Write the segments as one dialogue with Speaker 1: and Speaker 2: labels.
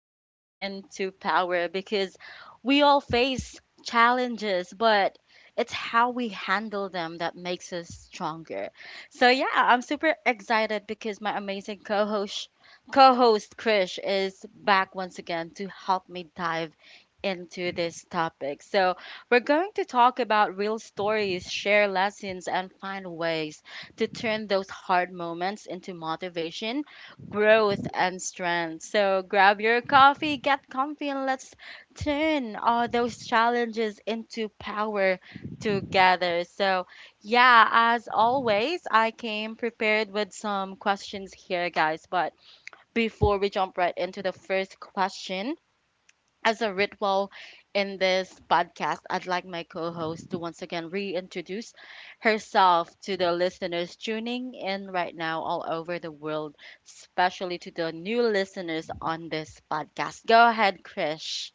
Speaker 1: pain into power because we all face challenges, but it's how we handle them that makes us stronger. So yeah, I'm super excited because my amazing co-host Krish is back once again to help me dive into this topic. So we're going to talk about real stories, share lessons, and find ways to turn those hard moments into motivation, growth, and strength. So grab your coffee, get comfy, and let's turn all those challenges into power together. So, yeah, as always, I came prepared with some questions here, guys. But before we jump right into the first question, as a ritual in this podcast, I'd like my co host to once again reintroduce herself to the listeners tuning in right now all over the world, especially to the new listeners on this podcast. Go ahead, Krish.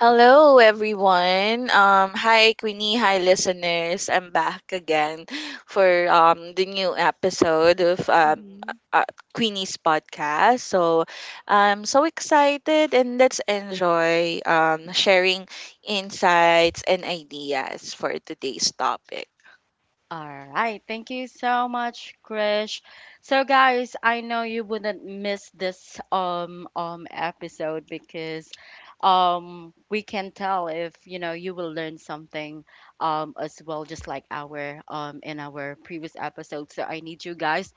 Speaker 2: Hello, everyone. Hi, Queenie. Hi, listeners. I'm back again for the new episode of
Speaker 1: Mm-hmm.
Speaker 2: uh, Queenie's podcast. So I'm so excited and let's enjoy sharing insights and ideas for today's topic.
Speaker 1: All right. Thank you so much, Krish. So guys, I know you wouldn't miss this episode because we can tell if you know you will learn something as well just like our in our previous episode. So I need you guys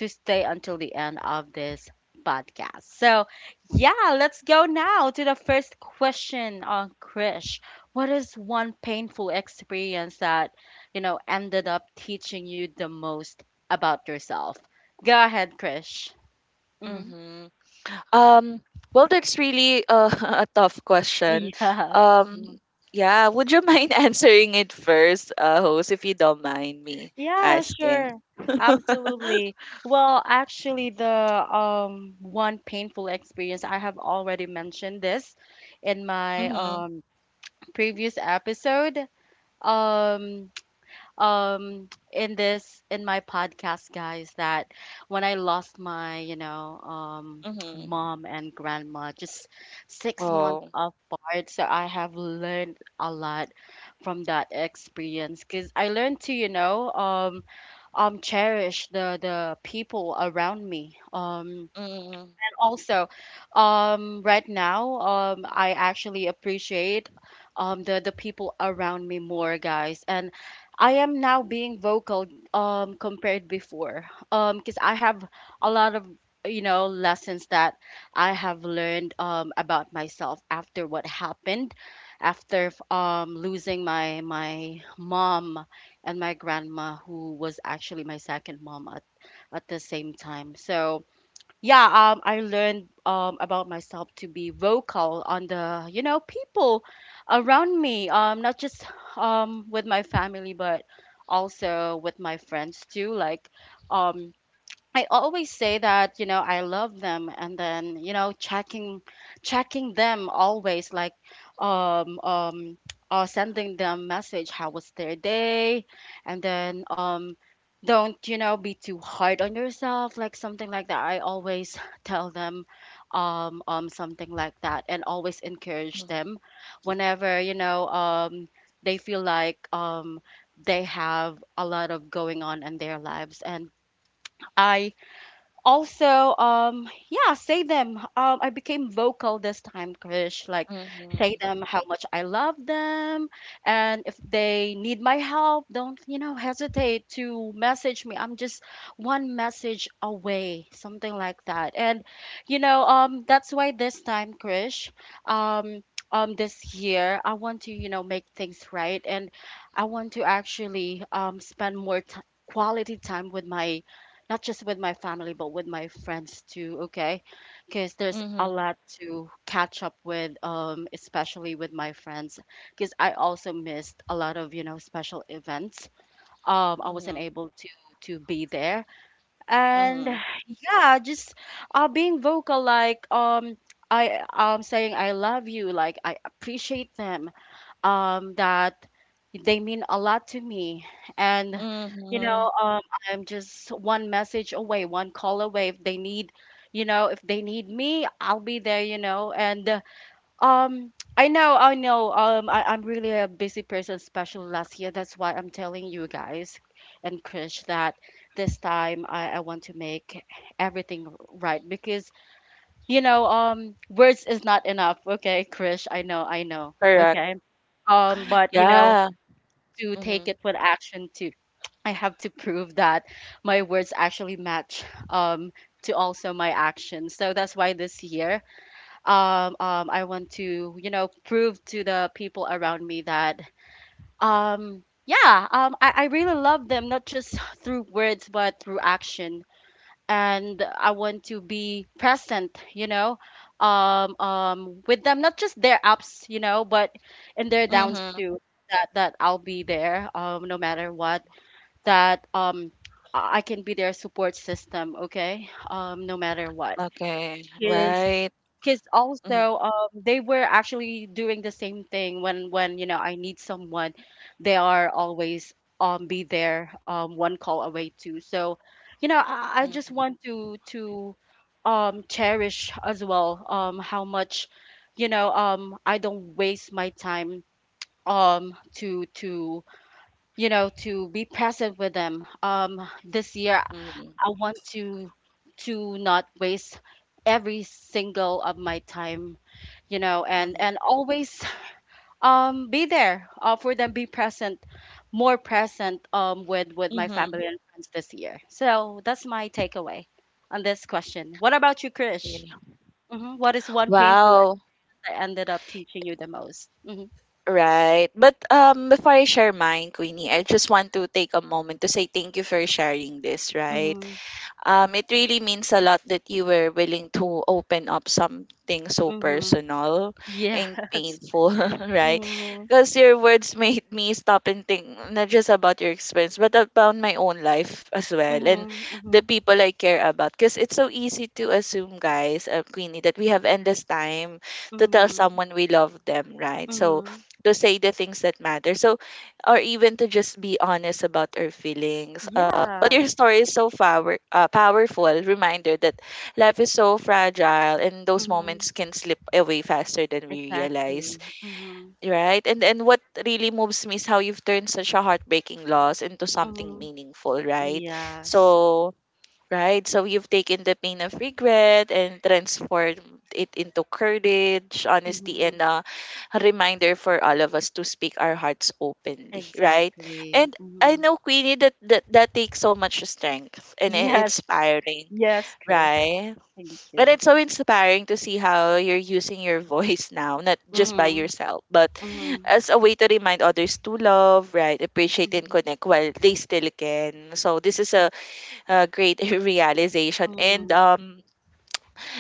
Speaker 1: to stay until the end of this podcast. So, yeah, let's go now to the first question on Krish. What is one painful experience that, you know, ended up teaching you the most about yourself? Go ahead, Krish. Hmm
Speaker 2: Mm-hmm. Um, well, that's really a tough question.
Speaker 1: Yeah.
Speaker 2: Um,
Speaker 1: Mhm.
Speaker 2: yeah, would you mind answering it first, host, if you don't mind me
Speaker 1: Yeah,
Speaker 2: asking?
Speaker 1: sure. Absolutely. Well, actually, the one painful experience, I have already mentioned this in my
Speaker 2: Mm-hmm,
Speaker 1: previous episode. Um in this, in my podcast, guys, that when I lost my, you know,
Speaker 2: mm-hmm.
Speaker 1: mom and grandma just 6 months
Speaker 2: Oh.
Speaker 1: apart, so I have learned a lot from that experience cuz I learned to, you know, cherish the people around me. Um
Speaker 2: Mm-hmm,
Speaker 1: Also, right now, I actually appreciate the people around me more, guys, and I am now being vocal, compared before, because I have a lot of, you know, lessons that I have learned about myself after what happened after losing my mom and my grandma, who was actually my second mom at the same time. So yeah, I learned about myself to be vocal on the, you know, people around me, not just with my family, but also with my friends too, like um I always say that, you know, I love them, and then, you know, checking them always, like um um sending them message how was their day, and then don't, you know, be too hard on yourself, like something like that, I always tell them, something like that, and always encourage
Speaker 2: mm-hmm,
Speaker 1: them whenever, you know, they feel like they have a lot of going on in their lives. And I also, yeah, say them, I became vocal this time, Krish, like, say
Speaker 2: mm-hmm,
Speaker 1: them how much I love them, and if they need my help, don't, you know, hesitate to message me. I'm just one message away, something like that. And, you know, that's why this time, Krish, um this year I want to, you know, make things right, and I want to actually spend more ti quality time with my, not just with my family, but with my friends too, okay? Because there's a lot to catch up with, especially with my friends. Because I also missed a lot of, you know, special events. I wasn't
Speaker 2: mm-hmm,
Speaker 1: able to be there. And
Speaker 2: mm-hmm,
Speaker 1: yeah, just being vocal, like, I, saying I love you, like I appreciate them, that they mean a lot to me. And, you
Speaker 2: mm-hmm.
Speaker 1: know, I'm just one message away, one call away. If they need, you know, if they need me, I'll be there, you know. And I know, I'm really a busy person, especially last year. That's why I'm telling you, guys, and Krish, that this time I want to make everything right because, you know, words is not enough. Okay, Krish, I know, I know.
Speaker 2: Correct.
Speaker 1: Okay. But you know,
Speaker 2: Yeah.
Speaker 1: to take
Speaker 2: Mm-hmm,
Speaker 1: it with action too. I have to prove that my words actually match um to also my actions. So that's why this year, I want to, you know, prove to the people around me that yeah, I really love them, not just through words but through action. And I want to be present, you know, with them, not just their ups, you know, but in their downs
Speaker 2: mm-hmm.
Speaker 1: too. That I'll be there, no matter what. That, I can be their support system, okay, no matter what.
Speaker 2: Okay.
Speaker 1: 'Cause
Speaker 2: Right.
Speaker 1: because
Speaker 2: Mm-hmm,
Speaker 1: also, they were actually doing the same thing when, you know, I need someone, they are always be there, one call away too. So, you know, I just
Speaker 2: mm-hmm,
Speaker 1: want to cherish as well how much, you know, I don't waste my time to you know, to be present with them. This year
Speaker 2: mm-hmm,
Speaker 1: I want to not waste every single of my time, you know, and
Speaker 2: mm-hmm.
Speaker 1: always be there, for them, be present, more present with my
Speaker 2: Mm-hmm.
Speaker 1: family and friends this year. So that's my takeaway on this question. What about you, Krish?
Speaker 2: Yeah.
Speaker 1: Mhm. What is one painful lesson
Speaker 2: Wow.
Speaker 1: that ended up teaching you the most? Hmm
Speaker 2: Right. But before I share mine, Queenie, I just want to take a moment to say thank you for sharing this, right?
Speaker 1: hmm
Speaker 2: It really means a lot that you were willing to open up something so
Speaker 1: hmm
Speaker 2: personal
Speaker 1: Yeah.
Speaker 2: and painful, right?
Speaker 1: Mm-hmm.
Speaker 2: Because your words made me stop and think not just about your experience, but about my own life as well and the
Speaker 1: Mm-hmm.
Speaker 2: people I care about. Because it's so easy to assume, guys, Queenie, that we have endless time to tell
Speaker 1: Mm-hmm.
Speaker 2: someone we love them, right? So
Speaker 1: Mm-hmm.
Speaker 2: to say the things that matter. So or even to just be honest about our feelings. But your
Speaker 1: Yeah.
Speaker 2: story is so powerful reminder that life is so fragile and those
Speaker 1: hmm
Speaker 2: moments can slip away faster than we realize,
Speaker 1: Exactly. Mm-hmm.
Speaker 2: right? And what really moves me is how you've turned such a heartbreaking loss into something
Speaker 1: Mm-hmm.
Speaker 2: meaningful, right?
Speaker 1: Yes.
Speaker 2: So right? So you've taken the pain of regret and transformed it into courage, honesty,
Speaker 1: Mm-hmm.
Speaker 2: and a reminder for all of us to speak our hearts openly, right?
Speaker 1: Exactly.
Speaker 2: And I
Speaker 1: Mm-hmm.
Speaker 2: know, Queenie, that takes so much strength and
Speaker 1: Yes.
Speaker 2: inspiring,
Speaker 1: Yes, Krish.
Speaker 2: right?
Speaker 1: Thank
Speaker 2: And
Speaker 1: you.
Speaker 2: it's so inspiring to see how you're using your voice now, not just by
Speaker 1: Mm-hmm.
Speaker 2: yourself, but
Speaker 1: Mm-hmm.
Speaker 2: as a way to remind others to love, right, appreciate, and
Speaker 1: Mm-hmm.
Speaker 2: connect while they still can. So this is a great realization. And
Speaker 1: Mm-hmm.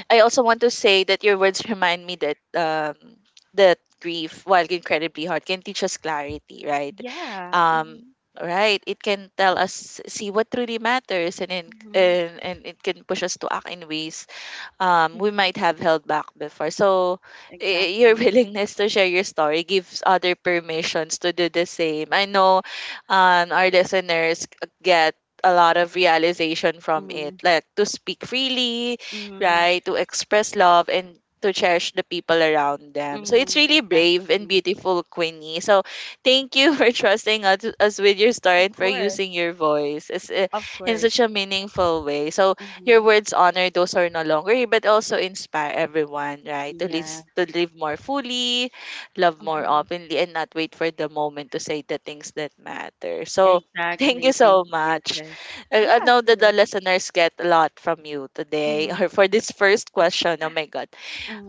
Speaker 2: I also want to say that your words remind me that that grief, while incredibly hard, can teach us clarity, right?
Speaker 1: Yeah.
Speaker 2: Um,
Speaker 1: Mm-hmm.
Speaker 2: right. It can tell us see what truly matters,
Speaker 1: Mm-hmm.
Speaker 2: and it can push us to act in ways we
Speaker 1: Mm-hmm.
Speaker 2: might have held back before. So your
Speaker 1: Exactly.
Speaker 2: willingness to share your story gives other permissions to do the same. I know our listeners get a lot of realization from it,
Speaker 1: Mm-hmm.
Speaker 2: like to speak freely,
Speaker 1: Mm-hmm.
Speaker 2: right, to express love and to cherish the people around them. So it's
Speaker 1: Mm-hmm.
Speaker 2: really brave and
Speaker 1: Exactly.
Speaker 2: beautiful, Queenie. So thank you for trusting us with your story
Speaker 1: Of
Speaker 2: and for
Speaker 1: course.
Speaker 2: using your voice as,
Speaker 1: Of
Speaker 2: in such
Speaker 1: course.
Speaker 2: a meaningful way. So your
Speaker 1: Mm-hmm.
Speaker 2: words honor those who are no longer here, but also inspire everyone, right?
Speaker 1: Yeah.
Speaker 2: To live more fully, love more
Speaker 1: Mm-hmm.
Speaker 2: openly, and not wait for the moment to say the things that matter. So, thank you
Speaker 1: Exactly.
Speaker 2: so
Speaker 1: Thank you,
Speaker 2: much.
Speaker 1: Krish.
Speaker 2: I
Speaker 1: Yeah,
Speaker 2: know that the
Speaker 1: sure.
Speaker 2: listeners get a lot from you today
Speaker 1: Mm-hmm.
Speaker 2: or for this first question. Oh my God.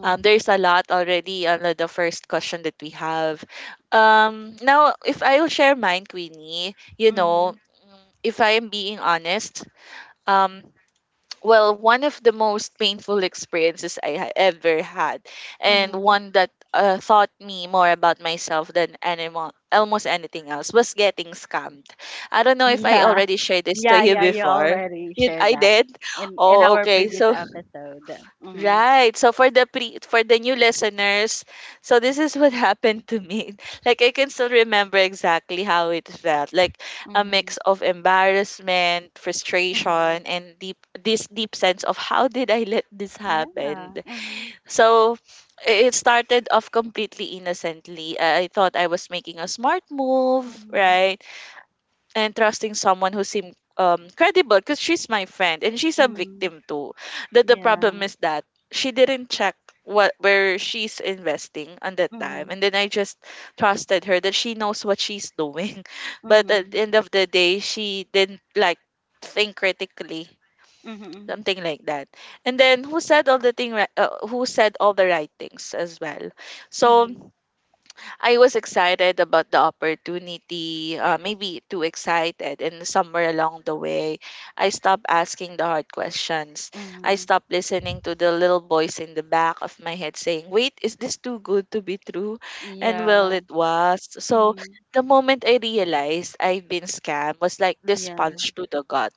Speaker 2: There's a lot already on the first question that we have. Now, if I will share mine, Queenie, you
Speaker 1: Mm-hmm.
Speaker 2: know, if I am being honest, um, well, one of the most painful experiences ever had, and
Speaker 1: Mm-hmm.
Speaker 2: one that taught me more about myself almost anything else, was getting scammed. I don't know if I
Speaker 1: Yeah.
Speaker 2: already shared this to
Speaker 1: Yeah,
Speaker 2: you
Speaker 1: yeah, you
Speaker 2: before.
Speaker 1: already
Speaker 2: You,
Speaker 1: shared
Speaker 2: I
Speaker 1: that
Speaker 2: did.
Speaker 1: in
Speaker 2: Oh,
Speaker 1: our
Speaker 2: okay.
Speaker 1: previous
Speaker 2: So
Speaker 1: episode. Mm-hmm.
Speaker 2: right. So for the new listeners, so this is what happened to me. Like I can still remember exactly how it felt. Like a
Speaker 1: Mm-hmm.
Speaker 2: mix of embarrassment,
Speaker 1: Mm-hmm.
Speaker 2: frustration, and deep sense of how did I let this happen?
Speaker 1: Yeah. Mm-hmm.
Speaker 2: So it started off completely innocently. I thought I was making a smart move,
Speaker 1: Mm-hmm.
Speaker 2: right? And trusting someone who seemed credible because she's my friend and she's a
Speaker 1: Mm-hmm.
Speaker 2: victim too. That the
Speaker 1: Yeah.
Speaker 2: problem is that she didn't check what where she's investing on that time
Speaker 1: Mm-hmm.
Speaker 2: and then I just trusted her that she knows what she's doing. But at the
Speaker 1: Mm-hmm.
Speaker 2: end of the day she didn't like think critically.
Speaker 1: Mm-hmm.
Speaker 2: Something like that. And then who said all the right things as well. So
Speaker 1: Mm-hmm.
Speaker 2: I was excited about the opportunity, maybe too excited. And somewhere along the way, I stopped asking the hard questions. I
Speaker 1: Mm-hmm.
Speaker 2: stopped listening to the little voice in the back of my head saying, wait, is this too good to be true? And well,
Speaker 1: Yeah.
Speaker 2: it was. So
Speaker 1: Mm-hmm.
Speaker 2: the moment I realized I'd been scammed was like this
Speaker 1: Yeah.
Speaker 2: punch to the gut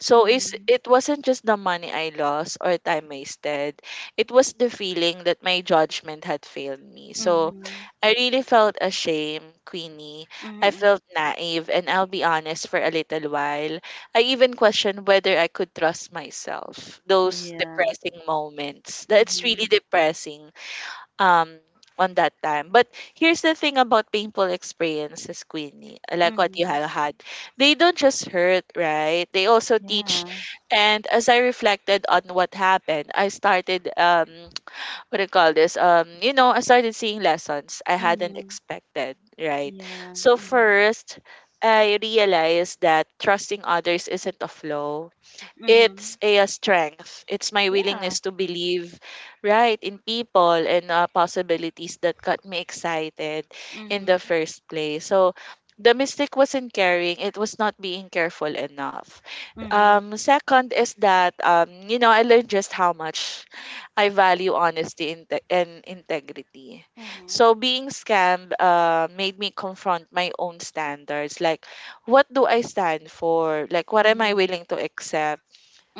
Speaker 2: so is
Speaker 1: Mm-hmm.
Speaker 2: it wasn't just the money I lost or time wasted. It was the feeling that my judgment had failed me. So
Speaker 1: Mm-hmm.
Speaker 2: I really felt ashamed, Queenie. I
Speaker 1: Mm-hmm.
Speaker 2: felt naive and I'll be honest for a little while. I even questioned whether I could trust myself. Those
Speaker 1: Yeah.
Speaker 2: depressing moments. That's really
Speaker 1: Mm-hmm.
Speaker 2: depressing um on that time. But here's the thing about painful experiences, Queenie, like what you
Speaker 1: Mm-hmm.
Speaker 2: have had. They don't just hurt, right? They also teach.
Speaker 1: Yeah.
Speaker 2: And as I reflected on what happened, I started what do you call this? You know, I started seeing lessons I hadn't
Speaker 1: Mm-hmm.
Speaker 2: expected, right?
Speaker 1: Yeah.
Speaker 2: So
Speaker 1: Mm-hmm.
Speaker 2: first I realized that trusting others isn't a flaw it's
Speaker 1: Mm-hmm.
Speaker 2: a strength. It's my willingness
Speaker 1: Yeah.
Speaker 2: to believe, right, in people and possibilities that got me excited in the
Speaker 1: Mm-hmm.
Speaker 2: first place. So the mistake wasn't caring; it was not being careful enough.
Speaker 1: Mm-hmm.
Speaker 2: Second is that you know, I learned just how much I value honesty and integrity.
Speaker 1: Mhm,
Speaker 2: So being scammed made me confront my own standards, like what do I stand for? Like, what am I
Speaker 1: mhm,
Speaker 2: willing to accept?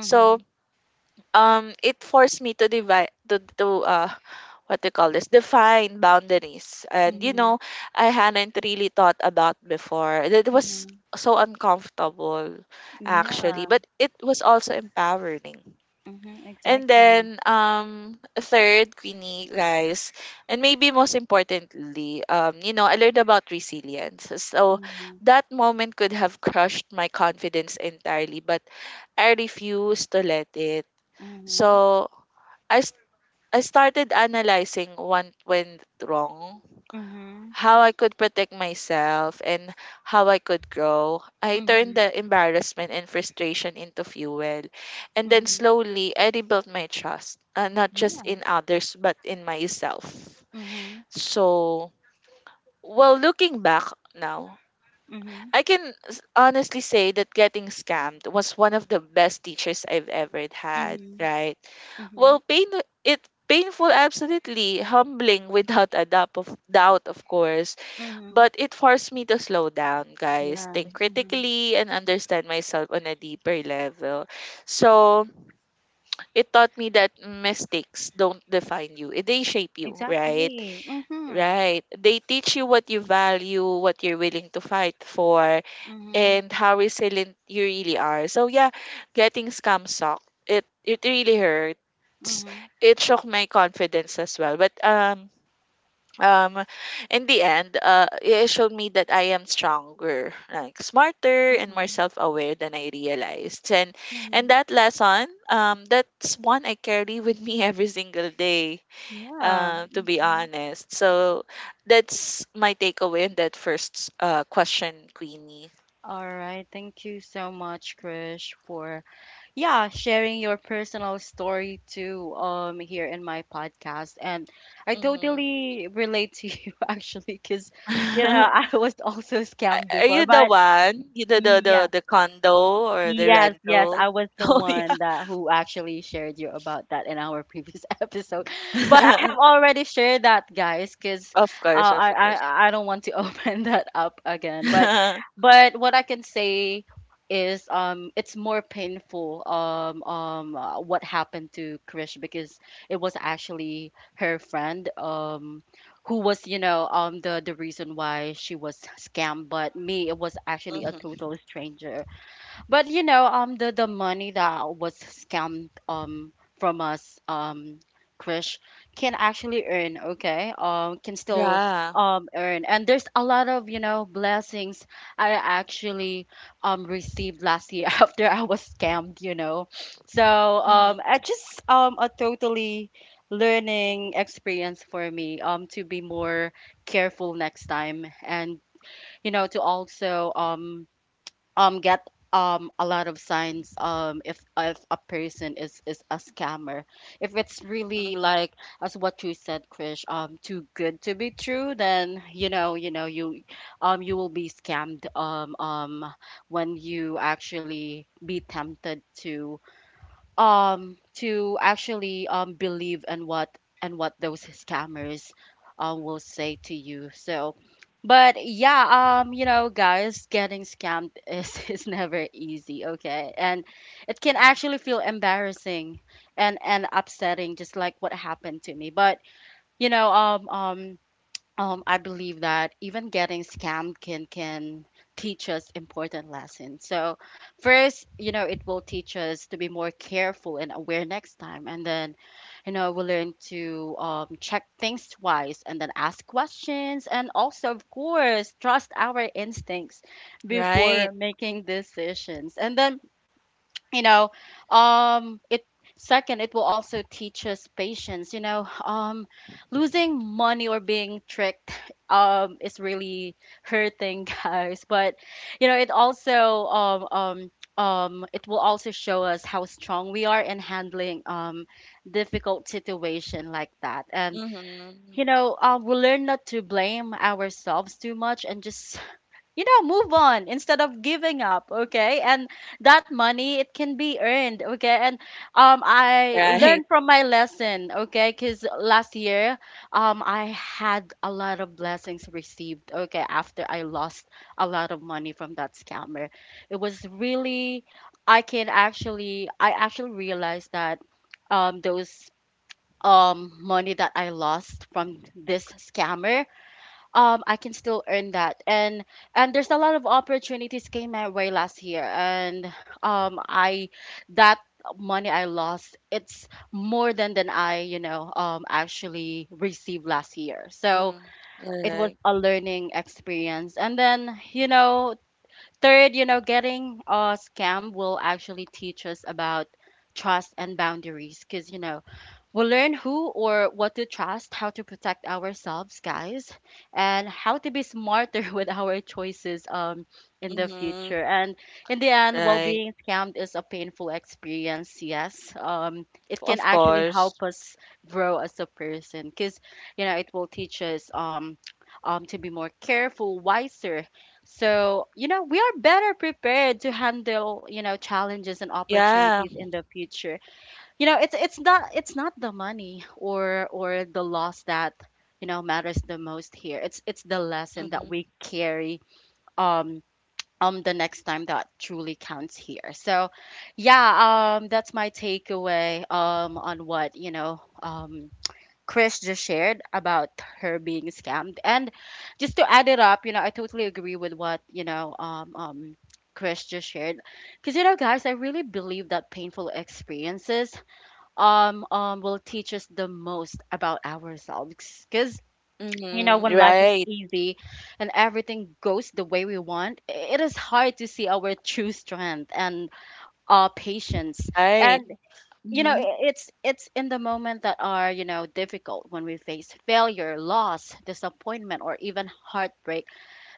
Speaker 2: So it forced me to divide to what they call this define boundaries and you
Speaker 1: mhm,
Speaker 2: know I hadn't really thought about before it was
Speaker 1: mhm.
Speaker 2: so uncomfortable actually
Speaker 1: Yeah.
Speaker 2: but it was also empowering.
Speaker 1: Mhm,
Speaker 2: And
Speaker 1: exactly.
Speaker 2: then third Queenie guys and maybe most importantly you know I learned about resilience. So
Speaker 1: Mhm,
Speaker 2: that moment could have crushed my confidence entirely but I refused to let it.
Speaker 1: mhm,
Speaker 2: So I, s- I started analyzing what went wrong,
Speaker 1: mhm,
Speaker 2: how I could protect myself, and how I could grow. I turned
Speaker 1: mhm,
Speaker 2: the embarrassment and frustration into fuel. And then
Speaker 1: mhm.
Speaker 2: slowly, I rebuilt my trust, not just
Speaker 1: Yeah.
Speaker 2: in others, but in myself.
Speaker 1: Mhm,
Speaker 2: So, well, looking back now,
Speaker 1: mhm,
Speaker 2: I can honestly say that getting scammed was one of the best teachers I've ever had,
Speaker 1: mhm,
Speaker 2: right? Well,
Speaker 1: mhm,
Speaker 2: painful absolutely, humbling without a doubt, of course.
Speaker 1: mhm.
Speaker 2: But it forced me to slow down, guys,
Speaker 1: Yeah.
Speaker 2: think
Speaker 1: Mhm.
Speaker 2: critically and understand myself on a deeper level. So it taught me that mistakes don't define you. They shape you, right?
Speaker 1: Exactly. Mhm,
Speaker 2: Right. They teach you what you value, what you're willing to fight for,
Speaker 1: mhm,
Speaker 2: and how resilient you really are. So yeah, getting scam sucked. It really hurts.
Speaker 1: mhm,
Speaker 2: It shook my confidence as well. But um in the end, it showed me that I am stronger, like smarter and more
Speaker 1: mhm,
Speaker 2: self aware than I realized. And
Speaker 1: mhm.
Speaker 2: that lesson, that's one I carry with me every single day,
Speaker 1: Yeah.
Speaker 2: To be
Speaker 1: Mhm.
Speaker 2: honest. So that's my takeaway in that first question, Queenie.
Speaker 1: All right. Thank you so much, Krish, for, yeah, sharing your personal story too here in my podcast. And I
Speaker 2: Mm-hmm.
Speaker 1: totally relate to you actually cuz, you know, I was also scammed
Speaker 2: Are you
Speaker 1: before,
Speaker 2: the
Speaker 1: but
Speaker 2: one? You the condo or the
Speaker 1: yes, yes,
Speaker 2: rental?
Speaker 1: I was the
Speaker 2: Oh yeah.
Speaker 1: one that who actually shared you about that in our previous episode. But I have already shared that, guys, because
Speaker 2: Of course, of course.
Speaker 1: I don't want to open that up again.
Speaker 2: Hmm.
Speaker 1: But what I can say is, it's more painful, what happened to Krish because it was actually her friend who was, you know, the reason why she was scammed. But me, it was actually a total stranger. But you know, the money that was scammed from us, Krish can actually earn, okay? Can still
Speaker 2: Yeah.
Speaker 1: earn, and there's a lot of, you know, blessings I actually received last year after I was scammed, you know. So,
Speaker 2: Hmm.
Speaker 1: I just, a totally learning experience for me to be more careful next time. And you know, to also get, a lot of signs, if, a person is a scammer. If it's
Speaker 2: Hmm.
Speaker 1: really
Speaker 2: Hmm.
Speaker 1: like, as what you said, Krish, too good to be true, then, you know, you know you, you will be scammed, when you actually be tempted to, actually believe in what, and what those scammers will say to you. So but yeah, you know, guys, getting scammed is is never easy, okay, and it can actually feel embarrassing and upsetting, just like what happened to me. But you know, I believe that even getting scammed can teach us important lessons. So first, you know, it will teach us to be more careful and aware next time, and then, you know, we'll learn to, check things twice, and then ask questions, and also, of course, trust our instincts
Speaker 2: Right.
Speaker 1: before making decisions. And then, you know, it second, it will also teach us patience. You know, losing money or being tricked is really hurting, guys. But you know, it also, it will also show us how strong we are in handling difficult situation like that. And
Speaker 2: Hmm.
Speaker 1: you know, we learn not to blame ourselves too much and just, you know, move on instead of giving up, okay? And that money, it can be earned, okay? And I
Speaker 2: Right.
Speaker 1: learned from my lesson, okay? Because last year, I had a lot of blessings received, okay? After I lost a lot of money from that scammer, it was I actually realized that those money that I lost from this scammer I can still earn that, and there's a lot of opportunities came my way last year. And I that money I lost, it's more than I, actually received last year. So
Speaker 2: Mm.
Speaker 1: it was
Speaker 2: Right.
Speaker 1: a learning experience. And then, you know, third, you know, getting a scam will actually teach us about trust and boundaries, because, you know, we'll learn who or what to trust, how to protect ourselves, guys, and how to be smarter with our choices in the
Speaker 2: Hmm.
Speaker 1: future. And in the end, well,
Speaker 2: Right.
Speaker 1: being scammed is a painful experience, yes. It
Speaker 2: Of
Speaker 1: can actually
Speaker 2: course.
Speaker 1: help us grow as a person because, you know, it will teach us to be more careful, wiser. So, you know, we are better prepared to handle, you know, challenges and
Speaker 2: Yeah.
Speaker 1: opportunities in the future. You know, it's not, it's not the money or the loss that, you know, matters the most here. It's the lesson that we
Speaker 2: Hmm.
Speaker 1: carry um the next time that truly counts here. So yeah, that's my takeaway on what, Chris just shared about her being scammed. And just to add it up, you know, I totally agree with what, Chris just shared. Because, you know, guys, I really believe that painful experiences will teach us the most about ourselves. Because, you know,
Speaker 2: Hmm.
Speaker 1: when life is
Speaker 2: Right.
Speaker 1: easy and everything goes the way we want, it is hard to see our true strength and patience.
Speaker 2: Right.
Speaker 1: And, you know,
Speaker 2: Hmm.
Speaker 1: it's in the moment that are, you know, difficult, when we face failure, loss, disappointment, or even heartbreak,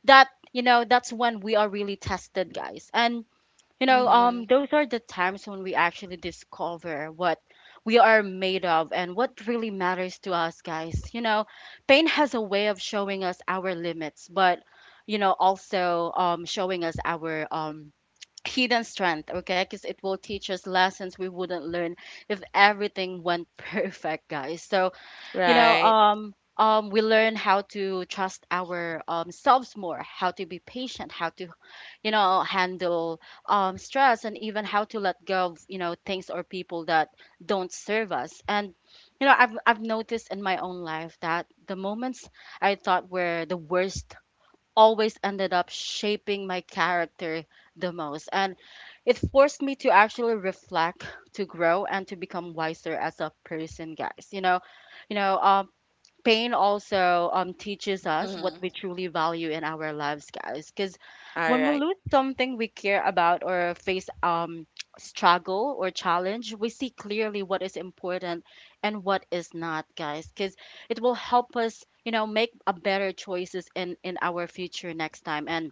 Speaker 1: that, you know, that's when we are really tested, guys. And, you know,
Speaker 2: Hmm.
Speaker 1: those are the times when we actually discover what we are made of and what really matters to us, guys. You know, pain has a way of showing us our limits, but, you know, also showing us our hidden strength. Okay, because it will teach us lessons we wouldn't learn if everything went perfect, guys. So, you know,
Speaker 2: Right.
Speaker 1: um. We learn how to trust our selves more, how to be patient, how to, you know, handle stress, and even how to let go of, you know, things or people that don't serve us. And, you know, I've noticed in my own life that the moments I thought were the worst always ended up shaping my character the most. And it forced me to actually reflect, to grow, and to become wiser as a person, guys. You know, you know um pain also teaches us what
Speaker 2: Hmm.
Speaker 1: we truly value in our lives, guys. Because
Speaker 2: All
Speaker 1: when we
Speaker 2: right.
Speaker 1: lose something we care about or face struggle or challenge, we see clearly what is important and what is not, guys. Because it will help us, you know, make a better choices in our future next time, and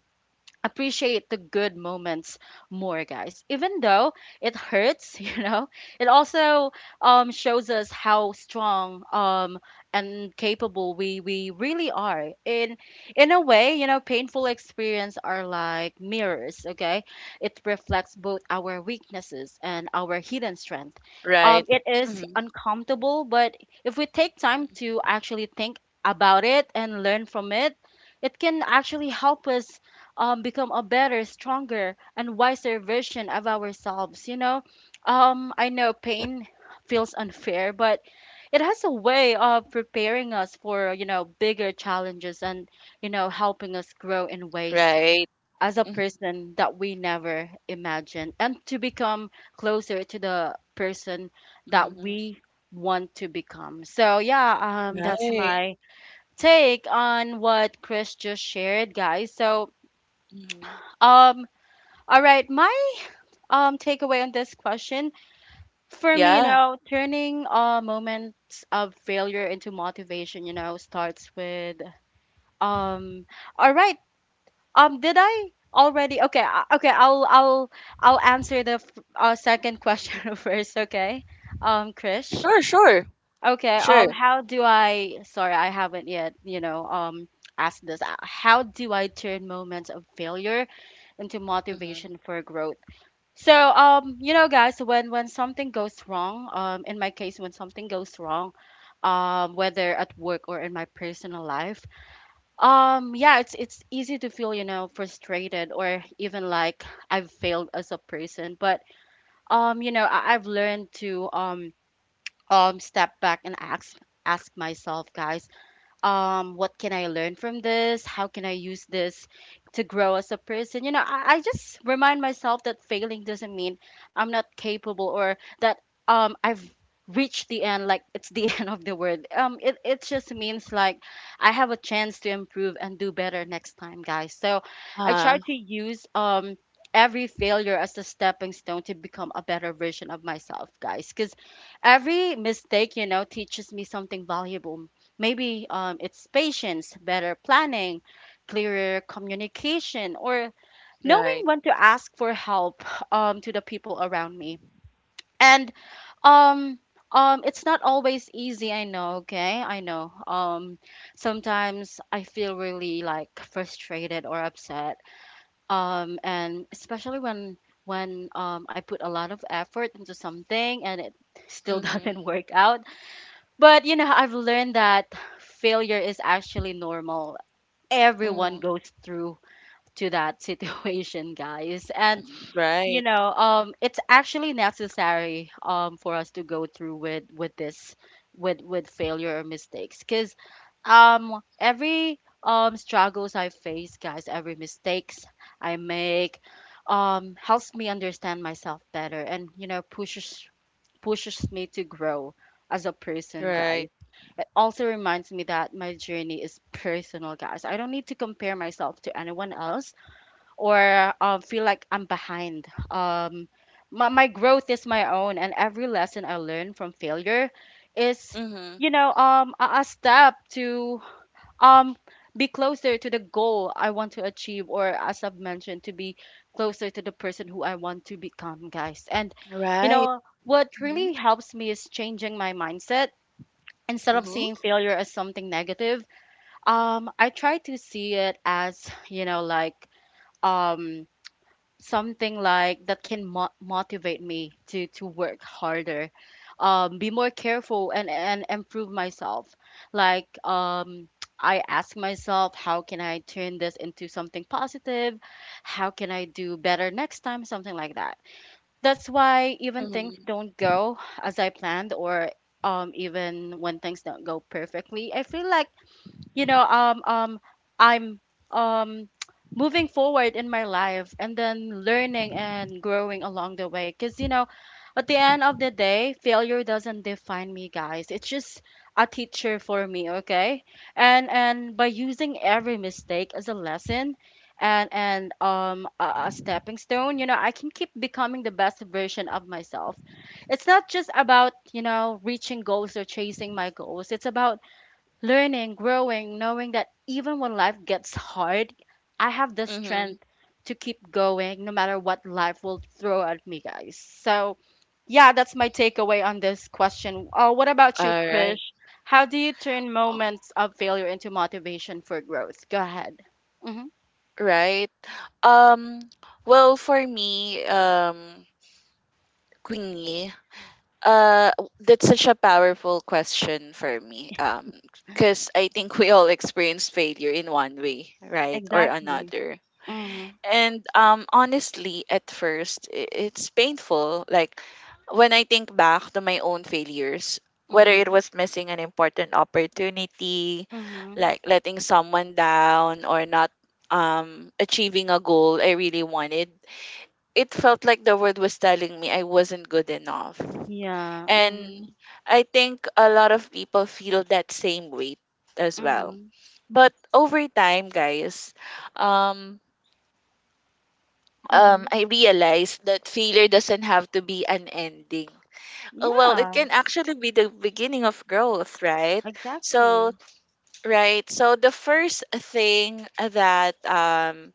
Speaker 1: appreciate the good moments more, guys, even though it hurts. You know, it also shows us how strong and capable we really are. In a way, you know, painful experience are like mirrors, okay. It reflects both our weaknesses and our hidden strength.
Speaker 2: Right.
Speaker 1: It is
Speaker 2: Hmm.
Speaker 1: uncomfortable, but if we take time to actually think about it and learn from it, it can actually help us become a better, stronger, and wiser version of ourselves. You know, I know pain feels unfair, but it has a way of preparing us for, you know, bigger challenges, and, you know, helping us grow in ways
Speaker 2: Right.
Speaker 1: as a person that we never imagined, and to become closer to the person that
Speaker 2: Mhm.
Speaker 1: we want to become. So yeah, that's
Speaker 2: Right.
Speaker 1: my take on what Chris just shared, guys. So,
Speaker 2: Mhm.
Speaker 1: um all right, my takeaway on this question, for me, you
Speaker 2: Yeah.
Speaker 1: know, turning moments of failure into motivation, you know, starts with um all right, did I already okay, okay, I'll answer the second question first, okay? Um, Krish.
Speaker 2: Sure, sure.
Speaker 1: Okay,
Speaker 2: Sure.
Speaker 1: how do I, sorry, I haven't yet, you know, asked this. How do I turn moments of failure into
Speaker 2: Mhm.
Speaker 1: motivation for growth? So, you know, guys, when something goes wrong, in my case, when something goes wrong, whether at work or in my personal life, yeah, it's easy to feel, you know, frustrated, or even like I've failed as a person. But you know, I've learned to step back and ask, myself, guys, what can I learn from this? How can I use this to grow as a person? You know, I just remind myself that failing doesn't mean I'm not capable, or that I've reached the end, like it's the end of the world. It just means like I have a chance to improve and do better next time, guys. So I
Speaker 2: Ah,
Speaker 1: try to use every failure as a stepping stone to become a better version of myself, guys. Because every mistake, you know, teaches me something valuable. Maybe it's patience, better planning, clearer communication, or knowing
Speaker 2: right.
Speaker 1: when to ask for help to the people around me. And, um, it's not always easy, I know, okay? I know. Sometimes I feel really like frustrated or upset. And especially when I put a lot of effort into something, and it still
Speaker 2: Mhm.
Speaker 1: doesn't work out. But you know, I've learned that failure is actually normal. Everyone
Speaker 2: Mhm.
Speaker 1: goes through to that situation, guys. And you
Speaker 2: Right.
Speaker 1: know, it's actually necessary for us to go through with this, with failure or mistakes. Cuz every struggles I face, guys, every mistakes I make helps me understand myself better, and, you know, pushes, me to grow as a person, guys.
Speaker 2: Right.
Speaker 1: It also reminds me that my journey is personal, guys. I don't need to compare myself to anyone else, or feel like I'm behind. My growth is my own, and every lesson I learn from failure is,
Speaker 2: Mhm.
Speaker 1: you know, a, step to um be closer to the goal I want to achieve, or, as I've mentioned, to be closer to the person who I want to become, guys. And, you
Speaker 2: Right.
Speaker 1: know, what really
Speaker 2: Mhm.
Speaker 1: helps me is changing my mindset. Instead of
Speaker 2: Mhm.
Speaker 1: seeing failure as something negative, I try to see it as, you know, like um something like that can motivate me to work harder, be more careful, and improve myself. Like, I ask myself, how can I turn this into something positive? How can I do better next time? Something like that. That's why even things
Speaker 2: Mhm.
Speaker 1: don't go as I planned, or even when things don't go perfectly, I feel like, you know um um I'm um moving forward in my life, and then learning and growing along the way. Because, you know, at the end of the day, failure doesn't define me, guys. It's just a teacher for me, okay. And by using every mistake as a lesson, and a stepping stone, you know, I can keep becoming the best version of myself. It's not just about, you know, reaching goals or chasing my goals. It's about learning, growing, knowing that even when life gets hard, I have the
Speaker 2: Mhm.
Speaker 1: strength to keep going, no matter what life will throw at me, guys. So yeah, that's my takeaway on this question. What about you,
Speaker 2: All right.
Speaker 1: Krish? How do you turn
Speaker 2: Oh,
Speaker 1: moments of failure into motivation for growth? Go ahead. Mm-hmm.
Speaker 2: right. Um, well, for me, Queenie, that's such a powerful question for me. Because I think we all experience failure in one way, right, or
Speaker 1: Exactly.
Speaker 2: another.
Speaker 1: Mm-hmm.
Speaker 2: And honestly, at first, it's painful. Like when I think back to my own failures, whether it
Speaker 1: Mm-hmm.
Speaker 2: was missing an important opportunity,
Speaker 1: Mm-hmm.
Speaker 2: like letting someone down, or not achieving a goal I really wanted, it felt like the world was telling me I wasn't good enough.
Speaker 1: Yeah.
Speaker 2: And
Speaker 1: Mm-hmm.
Speaker 2: I think a lot of people feel that same weight as well.
Speaker 1: Mm-hmm.
Speaker 2: But over time, guys, um,
Speaker 1: Mm-hmm.
Speaker 2: I realized that failure doesn't have to be an ending. Well, it
Speaker 1: Yeah.
Speaker 2: can actually be the beginning of growth, right? So,
Speaker 1: Exactly.
Speaker 2: right. So the first thing that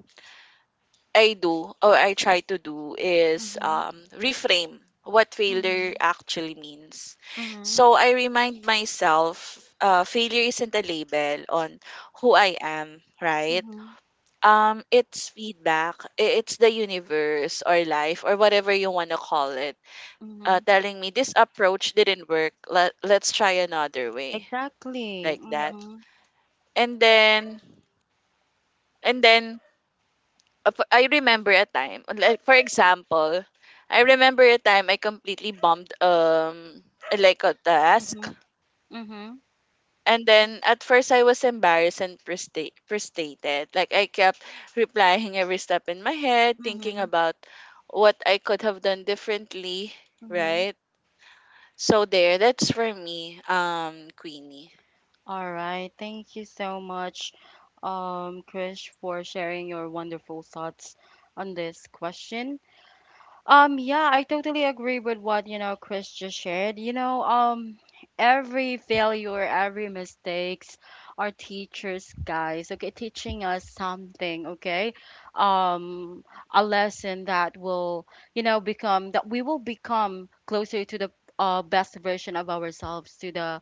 Speaker 2: I do or I try to do is
Speaker 1: Mm-hmm.
Speaker 2: reframe what
Speaker 1: Mm-hmm.
Speaker 2: failure actually means. So I remind myself, failure isn't a label on who I am, right?
Speaker 1: Mhm,
Speaker 2: It's feedback. It's the universe or life or whatever you want to call it,
Speaker 1: mhm.
Speaker 2: telling me this approach didn't work. Let's try another way,
Speaker 1: Exactly.
Speaker 2: like that.
Speaker 1: Mhm,
Speaker 2: And then, and then I remember a time, for example, I remember a time I completely bombed like a task.
Speaker 1: mhm, mhm,
Speaker 2: And
Speaker 1: mm,
Speaker 2: then at first I was embarrassed and frustrated. Like I kept replying every step in my head, thinking
Speaker 1: mhm,
Speaker 2: about what I could have done differently,
Speaker 1: mhm.
Speaker 2: right? So there, that's for me, Queenie.
Speaker 1: All right, thank you so much, Krish, for sharing your wonderful thoughts on this question. Yeah, I totally agree with what, you know, Chris just shared. You know, every failure, every mistakes are teachers, guys, okay, teaching us something, okay? Um, a lesson that will, you know, become that we will become closer to the best version of ourselves, to the,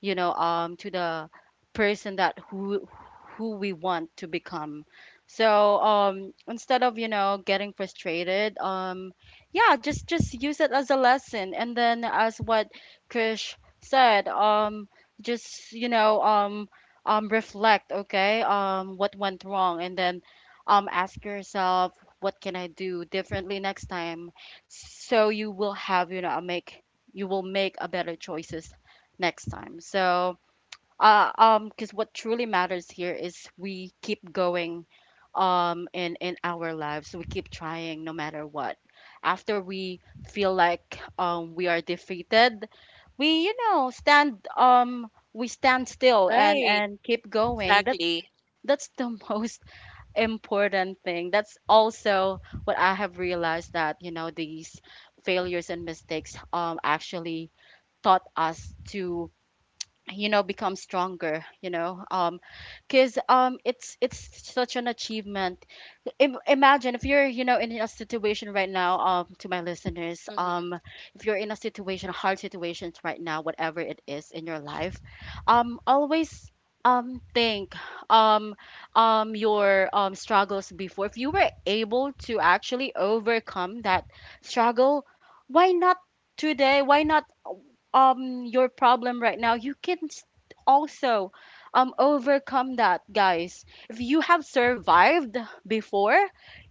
Speaker 1: to the person that who we want to become. So instead of, you know, getting frustrated, yeah, just use it as a lesson, and then as what Krish said, just you know, reflect, okay, what went wrong. And then ask yourself, what can I do differently next time? So you will have, you know, a make you will make a better choices next time. Because what truly matters here is we keep going, in our lives. We keep trying no matter what. After we feel like we are defeated, we stand we stand still and
Speaker 2: Right.
Speaker 1: and keep going. That's
Speaker 2: Exactly.
Speaker 1: the most important thing. That's also what I have realized, that you know these failures and mistakes actually taught us to you know become stronger, you know, because it's such an achievement. Imagine if you're, you know, in a situation right now, to my listeners,
Speaker 2: hmm
Speaker 1: if you're in a situation, hard situations right now, whatever it is in your life, always think um your struggles before. If you were able to actually overcome that struggle, why not today? Why not your problem right now? You can also overcome that, guys. If you have survived before,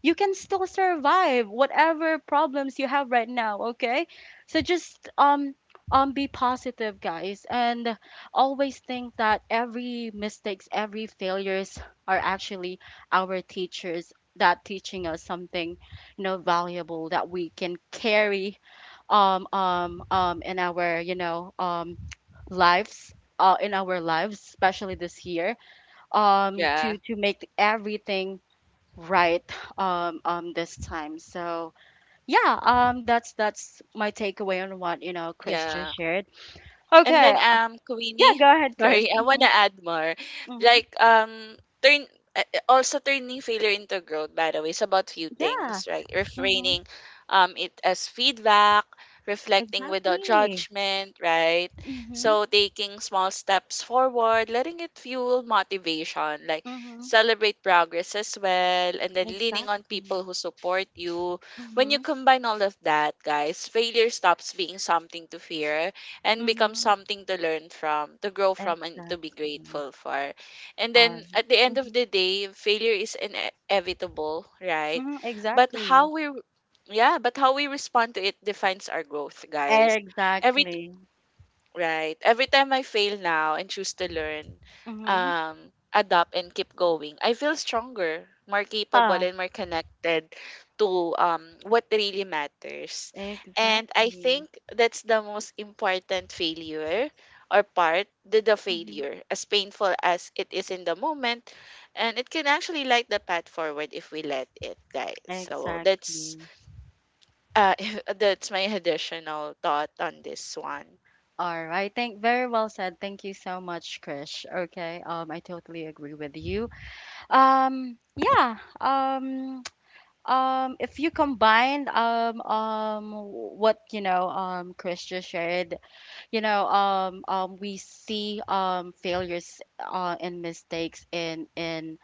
Speaker 1: you can still survive whatever problems you have right now, okay? So just be positive, guys, and always think that every mistakes, every failures are actually our teachers, that teaching us something, you know, valuable, that we can carry in our, you know, lives, in our lives, especially this year,
Speaker 2: Yeah.
Speaker 1: to make everything right this time. So yeah, that's my takeaway on what, you know, Chris just
Speaker 2: Yeah.
Speaker 1: shared.
Speaker 2: And then
Speaker 1: Okay, yeah,
Speaker 2: Queenie,
Speaker 1: go ahead, Chris.
Speaker 2: sorry, I
Speaker 1: Mm-hmm,
Speaker 2: wanna add more.
Speaker 1: mm-hmm.
Speaker 2: Like turn Also turning failure into growth, by the way, is about few
Speaker 1: Yeah.
Speaker 2: things, right?
Speaker 1: Mm-hmm.
Speaker 2: Refraining it as feedback, reflecting without
Speaker 1: Exactly.
Speaker 2: judgment, right?
Speaker 1: Mm-hmm.
Speaker 2: So taking small steps forward, letting it fuel motivation, like
Speaker 1: Mm-hmm.
Speaker 2: celebrate progress as well, and then leaning on people
Speaker 1: Exactly.
Speaker 2: who support you. When you
Speaker 1: Mm-hmm.
Speaker 2: combine all of that, guys, failure stops being something to fear and become
Speaker 1: Mm-hmm.
Speaker 2: something to learn from, to grow from, and to be
Speaker 1: Exactly.
Speaker 2: grateful for. And
Speaker 1: All
Speaker 2: then at the end of
Speaker 1: right.
Speaker 2: the day, failure is inevitable, right?
Speaker 1: Mhm,
Speaker 2: But how
Speaker 1: exactly.
Speaker 2: we yeah, but how we respond to it defines our growth, guys. Every
Speaker 1: Exactly.
Speaker 2: Right. Every time I fail now and choose to learn,
Speaker 1: Mm-hmm.
Speaker 2: adapt and keep going, I feel stronger, more capable
Speaker 1: Ah,
Speaker 2: and more connected to what really matters. And I
Speaker 1: exactly.
Speaker 2: think that's the most important failure or part, the
Speaker 1: Mm-hmm.
Speaker 2: failure, as painful as it is in the moment, and it can actually light the path forward if we let it, guys. So that's
Speaker 1: Exactly.
Speaker 2: uh that's my additional thought on this one.
Speaker 1: All right. Thank, very well said. Thank you so much, Krish. Okay. I totally agree with you. Yeah. If you combine what, you know, Krish just shared, you know, we see failures, and mistakes in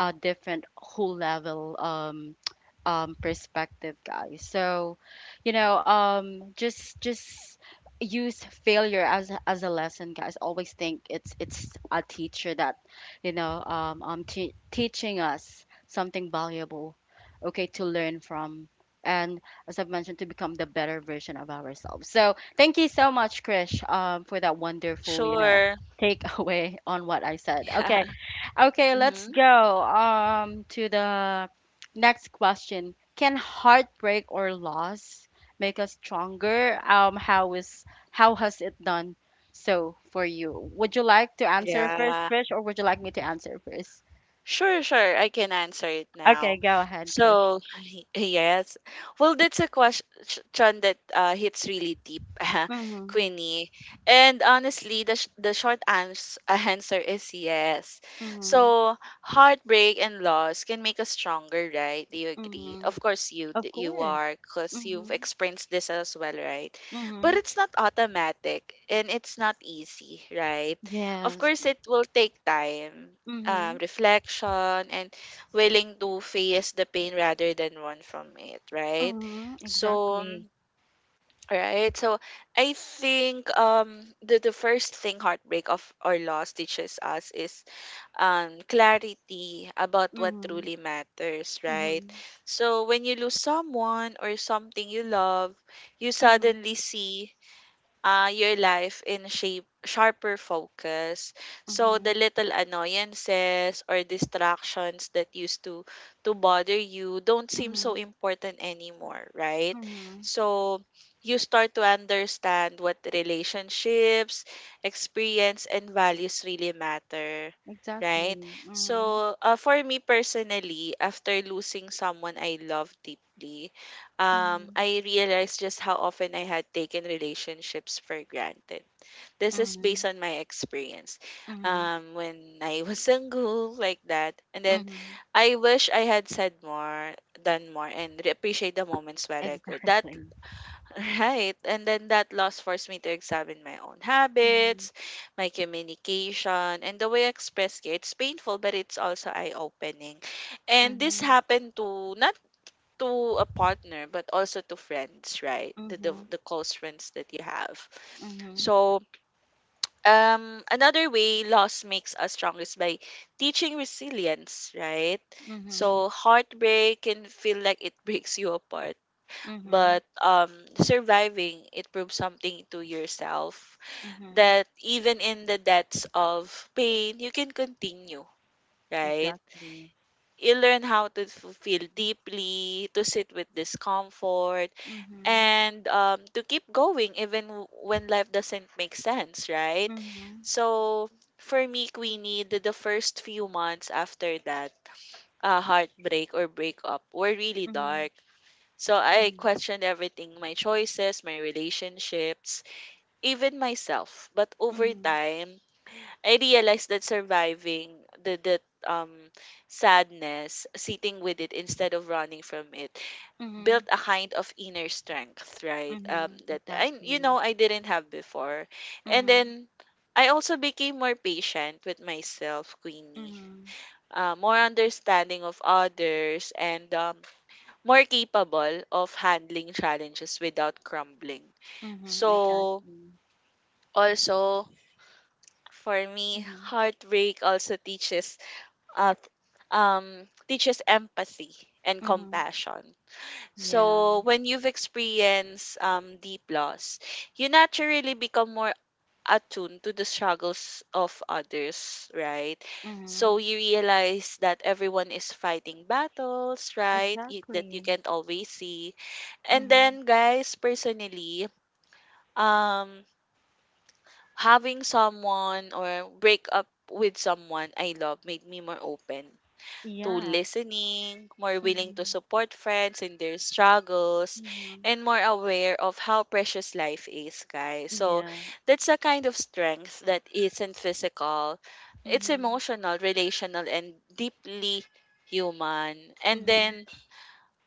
Speaker 1: a different whole level, perspective, guys. So you know just use failure as as a lesson, guys. Always think it's a teacher that, you know, teaching us something valuable, okay, to learn from, and as I've mentioned, to become the better version of ourselves. So thank you so much, Krish, for that wonderful, you know,
Speaker 2: Sure.
Speaker 1: takeaway on what I said.
Speaker 2: Yeah.
Speaker 1: Okay, okay, let's
Speaker 2: hmm
Speaker 1: go to the next question. Can heartbreak or loss make us stronger? How is how has it done so for you? Would you like to answer first,
Speaker 2: Yeah.
Speaker 1: Krish, or would you like me to answer first?
Speaker 2: Sure, sure. I can answer it
Speaker 1: Okay,
Speaker 2: now.
Speaker 1: go ahead, Krish.
Speaker 2: So, yes. Well, that's a question that hits really deep,
Speaker 1: Mhm,
Speaker 2: Queenie. And honestly, the, sh- the short ans- answer is yes.
Speaker 1: mhm,
Speaker 2: So, heartbreak and loss can make us stronger, right? Do you agree?
Speaker 1: mhm.
Speaker 2: Of course,
Speaker 1: Of
Speaker 2: you
Speaker 1: course.
Speaker 2: are, because you've
Speaker 1: Mhm,
Speaker 2: experienced this as well, right? But
Speaker 1: mhm.
Speaker 2: it's not automatic and it's not easy, right? Of
Speaker 1: Yes.
Speaker 2: course, it will take time,
Speaker 1: Mm-hmm.
Speaker 2: reflection and willing to face the pain rather than run from it, right?
Speaker 1: Mhm,
Speaker 2: So,
Speaker 1: exactly.
Speaker 2: right. So, I think the first thing heartbreak of or loss teaches us is clarity about what
Speaker 1: Mhm,
Speaker 2: truly matters, right?
Speaker 1: mhm,
Speaker 2: So, when you lose someone or something you love, you
Speaker 1: mhm,
Speaker 2: suddenly see, your life in shape sharper focus, so the
Speaker 1: mhm,
Speaker 2: little annoyances or distractions that used to bother you don't seem so
Speaker 1: mhm,
Speaker 2: important anymore, right?
Speaker 1: mhm,
Speaker 2: So you start to understand what relationships, experience and values really matter, right?
Speaker 1: exactly. Mhm,
Speaker 2: So, for me personally, after losing someone I love deeply,
Speaker 1: mhm,
Speaker 2: I realized just how often I had taken relationships for granted. This is based
Speaker 1: mhm,
Speaker 2: on my experience,
Speaker 1: mhm,
Speaker 2: when I was single, like that. And then
Speaker 1: mhm,
Speaker 2: I wish I had said more, done more, and appreciate the moments where I could. That,
Speaker 1: exactly.
Speaker 2: right. And then that loss forced me to examine my own
Speaker 1: Mhm,
Speaker 2: habits, my communication, and the way I express care. It's painful, but it's also eye opening. And this
Speaker 1: mhm,
Speaker 2: happened to not to a partner but also to friends, right? The
Speaker 1: mhm,
Speaker 2: the close friends that you have.
Speaker 1: mhm,
Speaker 2: So another way loss makes us strong is by teaching resilience, right?
Speaker 1: mhm,
Speaker 2: So heartbreak can feel like it breaks you apart,
Speaker 1: mhm,
Speaker 2: but surviving it proves something to yourself,
Speaker 1: mhm,
Speaker 2: that even in the depths of pain you can continue, right?
Speaker 1: exactly.
Speaker 2: You learn how to feel deeply, to sit with discomfort,
Speaker 1: Mhm,
Speaker 2: and to keep going even when life doesn't make sense, right?
Speaker 1: mhm,
Speaker 2: So for me, Queenie, the first few months after that heartbreak or breakup were really
Speaker 1: mhm,
Speaker 2: dark. So I
Speaker 1: mhm,
Speaker 2: questioned everything: my choices, my relationships, even myself. But over
Speaker 1: mhm,
Speaker 2: time, I realized that surviving the sadness, sitting with it instead of running from it, built
Speaker 1: mhm,
Speaker 2: a kind of inner strength, right?
Speaker 1: mhm,
Speaker 2: That I, you
Speaker 1: exactly.
Speaker 2: know, I didn't have before. And
Speaker 1: Mhm,
Speaker 2: then I also became more patient with myself, Queenie.
Speaker 1: mhm,
Speaker 2: More understanding of others and, more capable of handling challenges without crumbling.
Speaker 1: mhm,
Speaker 2: So,
Speaker 1: exactly.
Speaker 2: also, for me,
Speaker 1: Mhm,
Speaker 2: heartbreak also teaches, uh, teaches empathy and
Speaker 1: mhm,
Speaker 2: compassion.
Speaker 1: yeah.
Speaker 2: So when you've experienced deep loss, you naturally become more attuned to the struggles of others, right?
Speaker 1: Mm-hmm.
Speaker 2: So you realize that everyone is fighting battles, right? That you
Speaker 1: Exactly.
Speaker 2: can't always see. And
Speaker 1: Mm-hmm.
Speaker 2: then, guys, personally, um, having someone or break up with someone I love made me more open to
Speaker 1: Yeah.
Speaker 2: listening, more willing to
Speaker 1: Mm-hmm.
Speaker 2: support friends in their struggles,
Speaker 1: Mm-hmm.
Speaker 2: and more aware of how precious life is, guys. So
Speaker 1: Yeah.
Speaker 2: that's a kind of strength that isn't physical, it's
Speaker 1: Mm-hmm.
Speaker 2: emotional, relational, and deeply human. And then,
Speaker 1: Mm-hmm.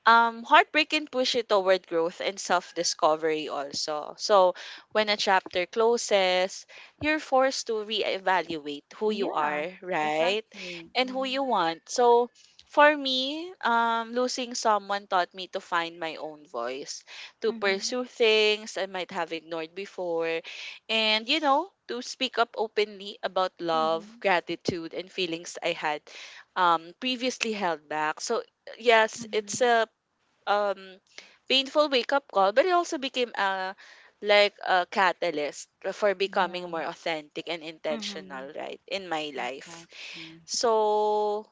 Speaker 2: um, heartbreak can push you toward growth and self-discovery also. So when a chapter closes, you're forced to reevaluate who you
Speaker 1: Yeah.
Speaker 2: are, right,
Speaker 1: Exactly.
Speaker 2: and who
Speaker 1: Mm-hmm.
Speaker 2: you want. So for me, um, losing someone taught me to find my own voice, to
Speaker 1: Mm-hmm.
Speaker 2: pursue things I might have ignored before, and you know, to speak up openly about love,
Speaker 1: Mm-hmm.
Speaker 2: gratitude and feelings I had previously held back. So yes, it's
Speaker 1: Mm-hmm.
Speaker 2: a, um painful wake up call, but it also became a like a catalyst for becoming
Speaker 1: Yeah.
Speaker 2: more authentic and
Speaker 1: Mm-hmm.
Speaker 2: intentional, right, in my life.
Speaker 1: Exactly.
Speaker 2: So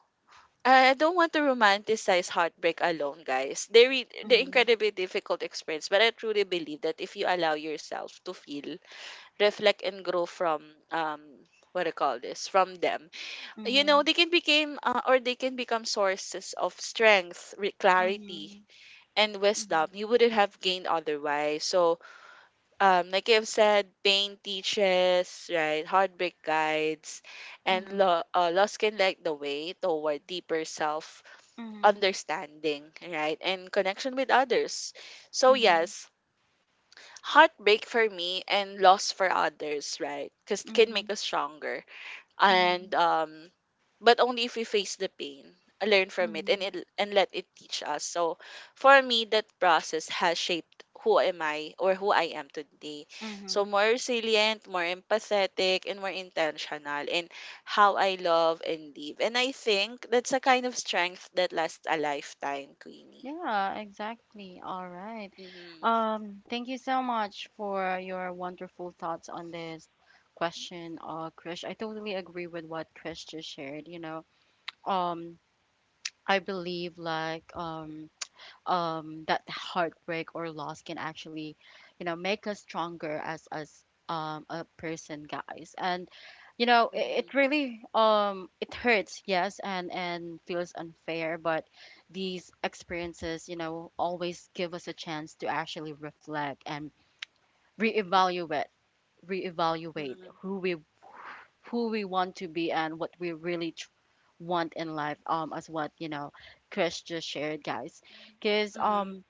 Speaker 2: I don't want to romanticize heartbreak alone, guys. They the
Speaker 1: Mhm,
Speaker 2: incredibly difficult experience, but I truly believe that if you allow yourself to feel, reflect, and grow from um what I call this from them, you know
Speaker 1: mhm,
Speaker 2: they can become, or they can become sources of strength, clarity,
Speaker 1: mhm,
Speaker 2: and
Speaker 1: mhm,
Speaker 2: wisdom you wouldn't have gained otherwise. So, like I've said, pain teaches, right? Heartbreak guides, and
Speaker 1: mhm,
Speaker 2: loss can light the way toward deeper self
Speaker 1: mhm,
Speaker 2: understanding, right? And connection with others. So,
Speaker 1: mhm,
Speaker 2: yes, heartbreak for me and loss for others, right? Because can make
Speaker 1: mhm,
Speaker 2: us stronger and,
Speaker 1: mhm,
Speaker 2: um, but only if we face the pain, learn from it, and
Speaker 1: mhm,
Speaker 2: let it teach us. So for me, that process has shaped who am I or who I am today, so
Speaker 1: mhm,
Speaker 2: more resilient, more empathetic and more intentional in how I love and live, and I think that's a kind of strength that lasts a lifetime, Queenie.
Speaker 1: yeah, exactly. All right.
Speaker 2: Mm-hmm.
Speaker 1: Thank you so much for your wonderful thoughts on this question, Krish. I totally agree with what Krish just shared, you know. Um, I believe, like, that heartbreak or loss can actually, you know, make us stronger as a person, guys. And you know,
Speaker 2: Mm-hmm.
Speaker 1: it really it hurts, yes, and feels unfair. But these experiences, you know, always give us a chance to actually reflect and reevaluate, reevaluate who we want to be, and what we really want in life, as what, you know, Chris just shared, guys. Because
Speaker 2: Mm-hmm. Mm-hmm.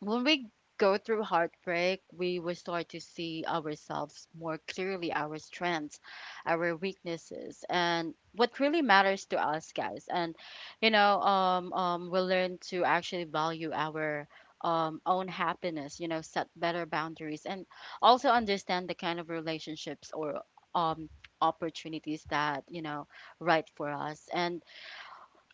Speaker 1: when we go through heartbreak, we will start to see ourselves more clearly, our strengths, our weaknesses, and what really matters to us, guys. And you know, we'll learn to actually value our own happiness, you know, set better boundaries, and also understand the kind of relationships or um opportunities that, you know, right for us. And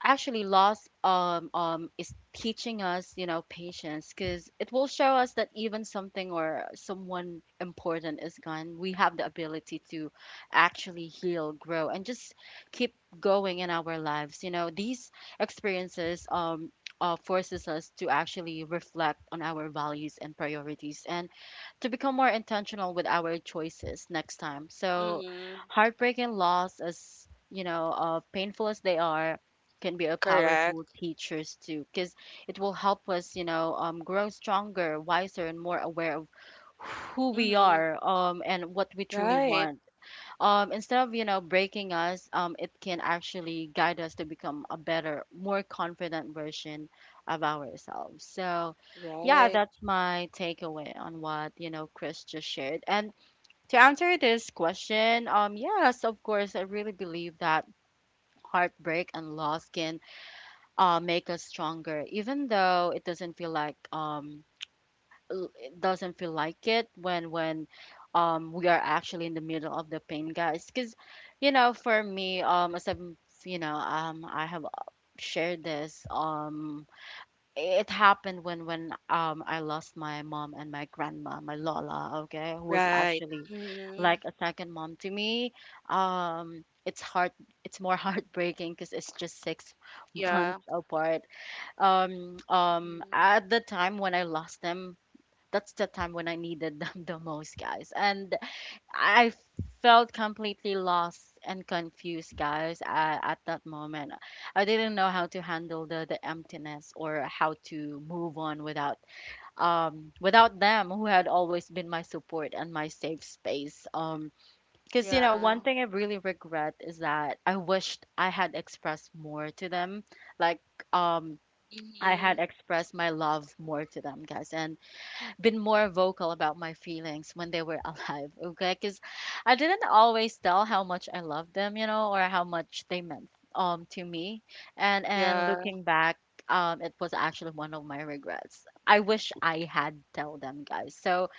Speaker 1: actually, loss is teaching us, you know, patience, because it will show us that even something or someone important is gone, we have the ability to actually heal, grow, and just keep going in our lives. You know, these experiences, forces us to actually reflect on our values and priorities, and to become more intentional with our choices next time. So
Speaker 2: Mm-hmm.
Speaker 1: heartbreak and loss, as you know, painful as they are, can be a powerful
Speaker 2: Correct.
Speaker 1: teachers too, because it will help us, you know, grow stronger, wiser, and more aware of who we
Speaker 2: Mm-hmm.
Speaker 1: are, and what we truly
Speaker 2: Right.
Speaker 1: want. Instead of, you know, breaking us, it can actually guide us to become a better, more confident version of ourselves. So yeah,
Speaker 2: Right.
Speaker 1: that's my takeaway on what, you know, Chris just shared. And to answer this question, yes, of course, I really believe that heartbreak and loss can make us stronger, even though it doesn't feel like it doesn't feel like it when we are actually in the middle of the pain, guys. Because you know, for me, as I'm, you know, I have, shared this, it happened when I lost my mom and my grandma, my lola, okay, who was
Speaker 2: Right.
Speaker 1: actually
Speaker 2: Mm-hmm.
Speaker 1: like a second mom to me. It's hard, it's more heartbreaking because it's just six
Speaker 2: Yeah.
Speaker 1: months apart.
Speaker 2: Mhm.
Speaker 1: At the time when I lost them, that's the time when I needed them the most, guys. And I felt completely lost and confused, guys. At that moment, I didn't know how to handle the emptiness, or how to move on without without them, who had always been my support and my safe space. Because you know, one
Speaker 2: Yeah.
Speaker 1: thing I really regret is that I wished I had expressed more to them, like, um I had
Speaker 2: Mm-hmm.
Speaker 1: expressed my love more to them, guys, and been more vocal about my feelings when they were alive, okay? Because I didn't always tell how much I loved them, you know, or how much they meant to me. And
Speaker 2: Yeah.
Speaker 1: looking back, it was actually one of my regrets. I wish I had tell them, guys. So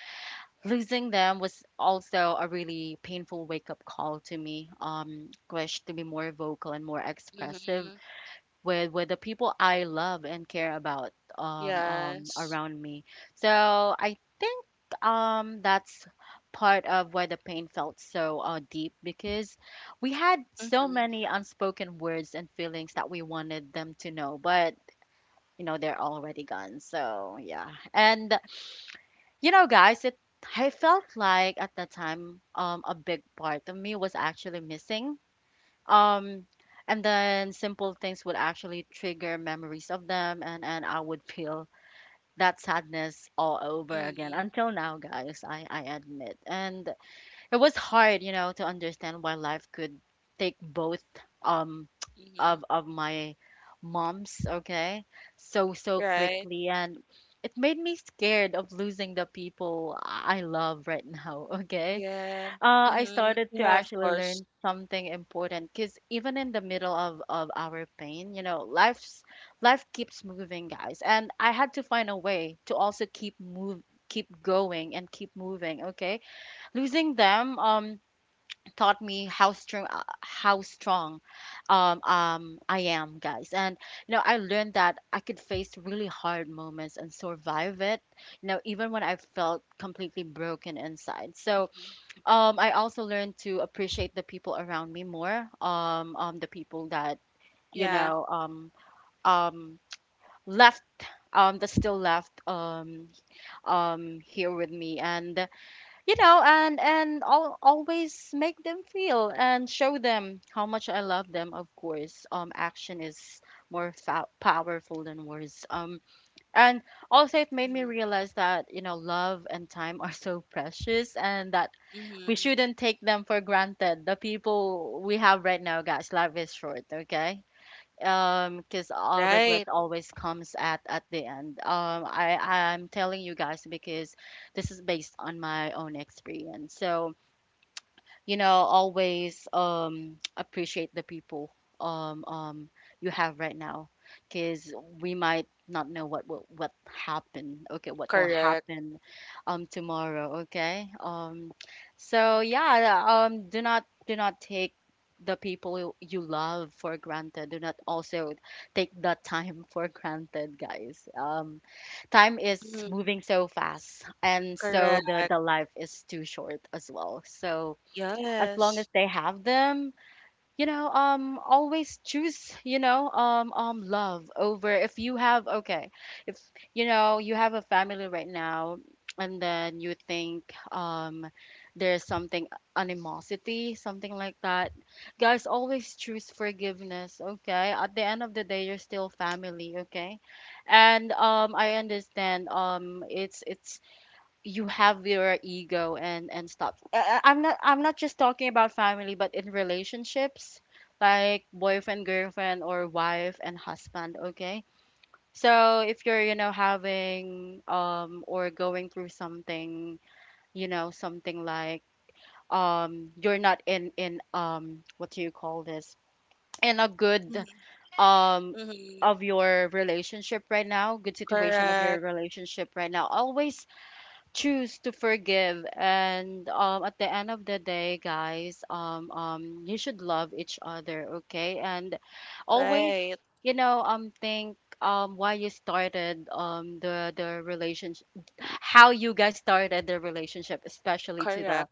Speaker 1: losing them was also a really painful wake up call to me. Wish to be more vocal and more expressive
Speaker 2: Mm-hmm.
Speaker 1: with the people I love and care about,
Speaker 2: Yes.
Speaker 1: around me. So I think that's part of why the pain felt so deep, because we had so
Speaker 2: Mm-hmm.
Speaker 1: many unspoken words and feelings that we wanted them to know, but you know they're already gone. So yeah, and you know, guys, it, I felt like at the time a big part of me was actually missing, um, and then simple things would actually trigger memories of them, and I would feel that sadness all over again
Speaker 2: Mm-hmm.
Speaker 1: until now, guys. I admit, and it was hard, you know, to understand why life could take both um of
Speaker 2: Mm-hmm.
Speaker 1: my moms, okay, so
Speaker 2: Right.
Speaker 1: quickly, and it made me scared of losing the people I love right now, okay.
Speaker 2: Yeah.
Speaker 1: I
Speaker 2: Mm-hmm.
Speaker 1: started to
Speaker 2: Yeah, of
Speaker 1: actually learn
Speaker 2: course.
Speaker 1: something important, because even in the middle of, our pain, you know, life keeps moving, guys, and I had to find a way to also keep going, and keep moving. Okay, losing them taught me how strong, I am, guys, and you know I learned that I could face really hard moments and survive it. You know, even when I felt completely broken inside. So
Speaker 2: Mhm.
Speaker 1: I also learned to appreciate the people around me more. The people that, you
Speaker 2: Yeah.
Speaker 1: know, um left, that still left here with me. And you know, and I'll always make them feel and show them how much I love them, of course. Action is more powerful than words. And also it made me
Speaker 2: Mm-hmm.
Speaker 1: realize that, you know, love and time are so precious, and that we
Speaker 2: Mm-hmm.
Speaker 1: shouldn't take them for granted. The people we have right now, guys, life is short, okay? Because our regret
Speaker 2: Right.
Speaker 1: always comes at the end. I'm telling you guys because this is based on my own experience. So, always appreciate the people um um you have right now, because we might not know what happen, okay, what will
Speaker 2: Correct.
Speaker 1: happen tomorrow, okay. So yeah, do not take the people you love for granted. Do not also take the time for granted, guys. Time is
Speaker 2: Mm-hmm.
Speaker 1: moving so fast, and so
Speaker 2: Correct.
Speaker 1: the life is too short as well. So as long as
Speaker 2: Yes.
Speaker 1: they have them, always choose, love over, if you have, okay. If you know you have a family right now, and then you think, there's something, animosity, something like that, guys, always choose forgiveness, okay. At the end of the day, you're still family, okay. And I understand, it's you have your ego, and stop. I'm not just talking about family, but in relationships, like boyfriend, girlfriend, or wife and husband, okay. So if you're, you know, having, or going through something, you know, something like, you're not in what do you call this, in a good
Speaker 2: Mm-hmm.
Speaker 1: um
Speaker 2: Mm-hmm.
Speaker 1: of your relationship right now, good situation of your
Speaker 2: Correct.
Speaker 1: relationship right now, always choose to forgive. And at the end of the day, guys, you should love each other, okay. And always,
Speaker 2: Right.
Speaker 1: think, why you started the relationship, how you guys started the relationship, especially to the
Speaker 2: Correct.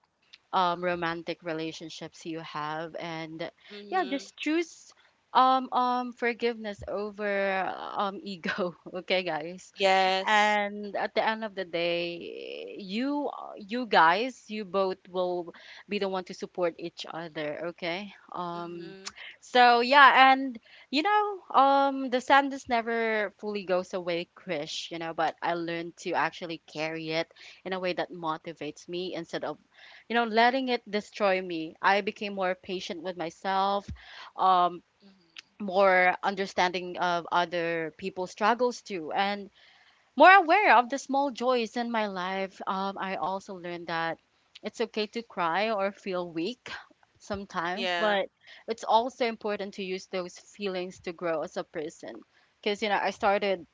Speaker 1: romantic relationships you have. And yeah,
Speaker 2: Mm-hmm.
Speaker 1: just choose forgiveness over ego, okay, guys.
Speaker 2: Yes.
Speaker 1: And at the end of the day, you guys, you both will be the one to support each other, okay.
Speaker 2: Mm-hmm.
Speaker 1: So yeah. And the sadness never fully goes away, Krish, you know. But I learned to actually carry it in a way that motivates me, instead of, you know, letting it destroy me. I became more patient with myself, um
Speaker 2: Mm-hmm.
Speaker 1: more understanding of other people's struggles too, and more aware of the small joys in my life. I also learned that it's okay to cry or feel weak sometimes,
Speaker 2: Yeah.
Speaker 1: but it's also important to use those feelings to grow as a person. Because, you know, I started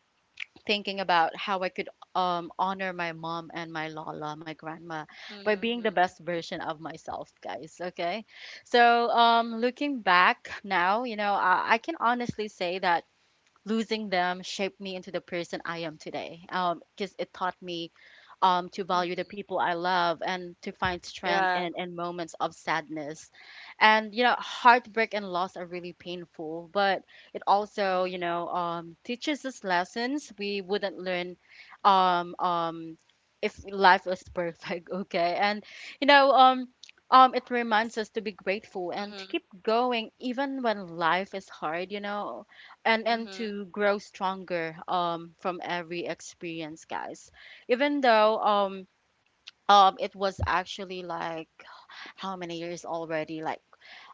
Speaker 1: thinking about how I could honor my mom and my Lola, my grandma, by being the
Speaker 2: Mm-hmm.
Speaker 1: best version of myself, guys. Okay. So, looking back now, you know, I can honestly say that losing them shaped me into the person I am today. Because it taught me to value the
Speaker 2: Mm-hmm.
Speaker 1: people I love and to find strength
Speaker 2: Yeah.
Speaker 1: in moments of sadness. And, you know, heartbreak and loss are really painful, but it also, you
Speaker 2: Mhm.
Speaker 1: know, teaches us lessons we wouldn't learn um, um, if life was perfect, okay? And, you know, it reminds us to be grateful and to
Speaker 2: Mhm.
Speaker 1: keep going even when life is hard, you know, and
Speaker 2: Mhm.
Speaker 1: to grow stronger from every experience, guys. Even though, it was actually, like, how many years already, like,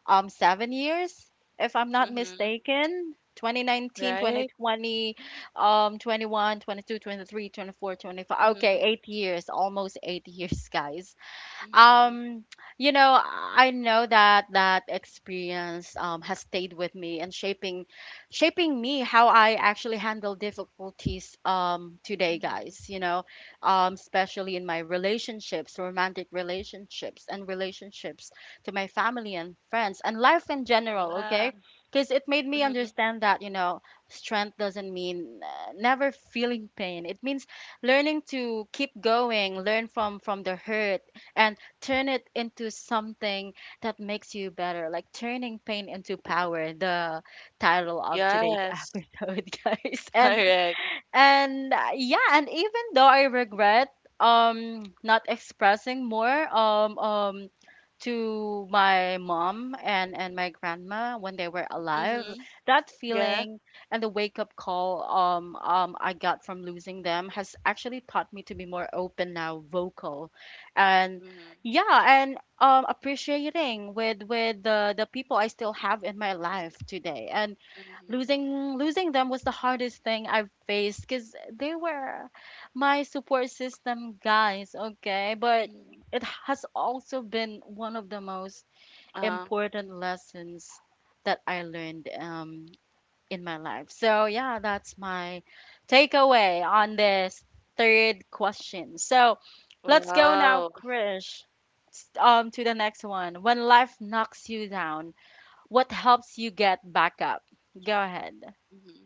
Speaker 1: 7 years, if I'm not
Speaker 2: Mhm.
Speaker 1: mistaken. 2019, twenty
Speaker 2: Right?
Speaker 1: twenty, 21, 22, 23, 24, twenty five. Okay,
Speaker 2: Mhm.
Speaker 1: 8 years, almost 8 years, guys.
Speaker 2: Mhm.
Speaker 1: um you know, I know that that experience has stayed with me and shaping me how I actually handle difficulties today,
Speaker 2: Mhm.
Speaker 1: guys, you know. Especially in my relationships, romantic relationships and relationships to my family and friends, and life in general,
Speaker 2: Yeah.
Speaker 1: okay. Because it made me
Speaker 2: Mhm.
Speaker 1: understand that, you know, strength doesn't mean, never feeling pain. It means learning to keep going, learn from the hurt and turn it into something that makes you better, like turning pain into power, the title of today's
Speaker 2: Yes.
Speaker 1: episode, guys. And
Speaker 2: Correct.
Speaker 1: and uh, yeah, and even though I regret not expressing more um um to my mom and my grandma when they were alive,
Speaker 2: Mhm.
Speaker 1: that
Speaker 2: Yeah.
Speaker 1: feeling and the wake up call I got from losing them has actually taught me to be more open now, vocal, and
Speaker 2: Mhm.
Speaker 1: yeah. And appreciating with the people I still have in my life today. And
Speaker 2: Mhm.
Speaker 1: losing them was the hardest thing I've faced because they were my support system, guys, okay? But
Speaker 2: Mhm.
Speaker 1: it has also been one of the most
Speaker 2: Uh,
Speaker 1: important lessons that I learned in my life. So yeah, that's my takeaway on this third question. So let's go now,
Speaker 2: wow.
Speaker 1: Krish. To the next one. When life knocks you down, what helps you get back up? Go ahead.
Speaker 2: Mhm.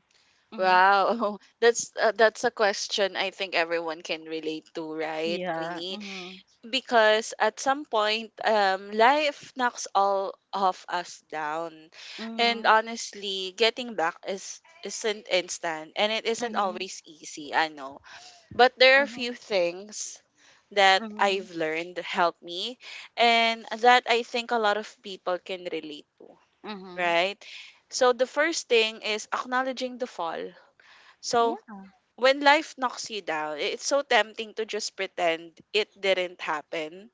Speaker 1: Mhm.
Speaker 2: Wow. That's a question I think everyone can relate to, right,
Speaker 1: Yeah.
Speaker 2: Queenie?
Speaker 1: Mhm.
Speaker 2: Because at some point, um, life knocks all of us down, and
Speaker 1: Mhm.
Speaker 2: honestly, getting back is isn't instant and it isn't
Speaker 1: Mhm.
Speaker 2: always easy, I know. But there are
Speaker 1: Mhm.
Speaker 2: few things that I've
Speaker 1: Mhm.
Speaker 2: learned help me and that I think a lot of people can relate to,
Speaker 1: Mhm.
Speaker 2: right? So the first thing is acknowledging the fall. So
Speaker 1: Yeah.
Speaker 2: when life knocks you down, it's so tempting to just pretend it didn't happen